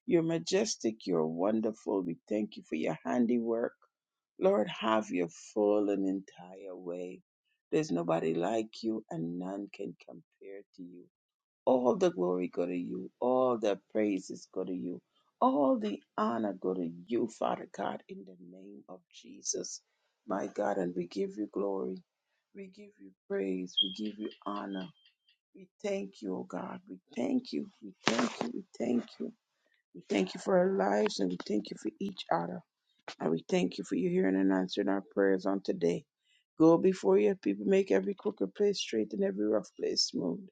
You're majestic. You're wonderful. We thank you for your handiwork. Lord, have your full and entire way. There's nobody like you, and none can compare to you. All the glory go to you. All the praises go to you. All the honor go to you, Father God, in the name of Jesus, my God. And we give you glory. We give you praise. We give you honor. We thank you, O God. We thank you. We thank you. We thank you. We thank you for our lives and we thank you for each other. And we thank you for your hearing and answering our prayers on today. Go before your people, make every crooked place straight and every rough place smooth.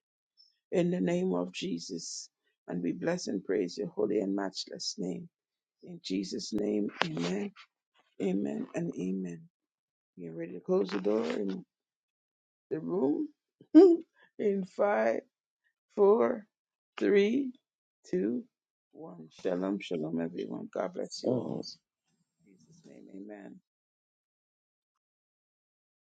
In the name of Jesus. And we bless and praise your holy and matchless name. In Jesus' name, amen, amen, and amen. Get ready to close the door in the room. <laughs> in five, four, three, two, one. Shalom, shalom, everyone. God bless you all.
Amen.
Jesus' name, amen.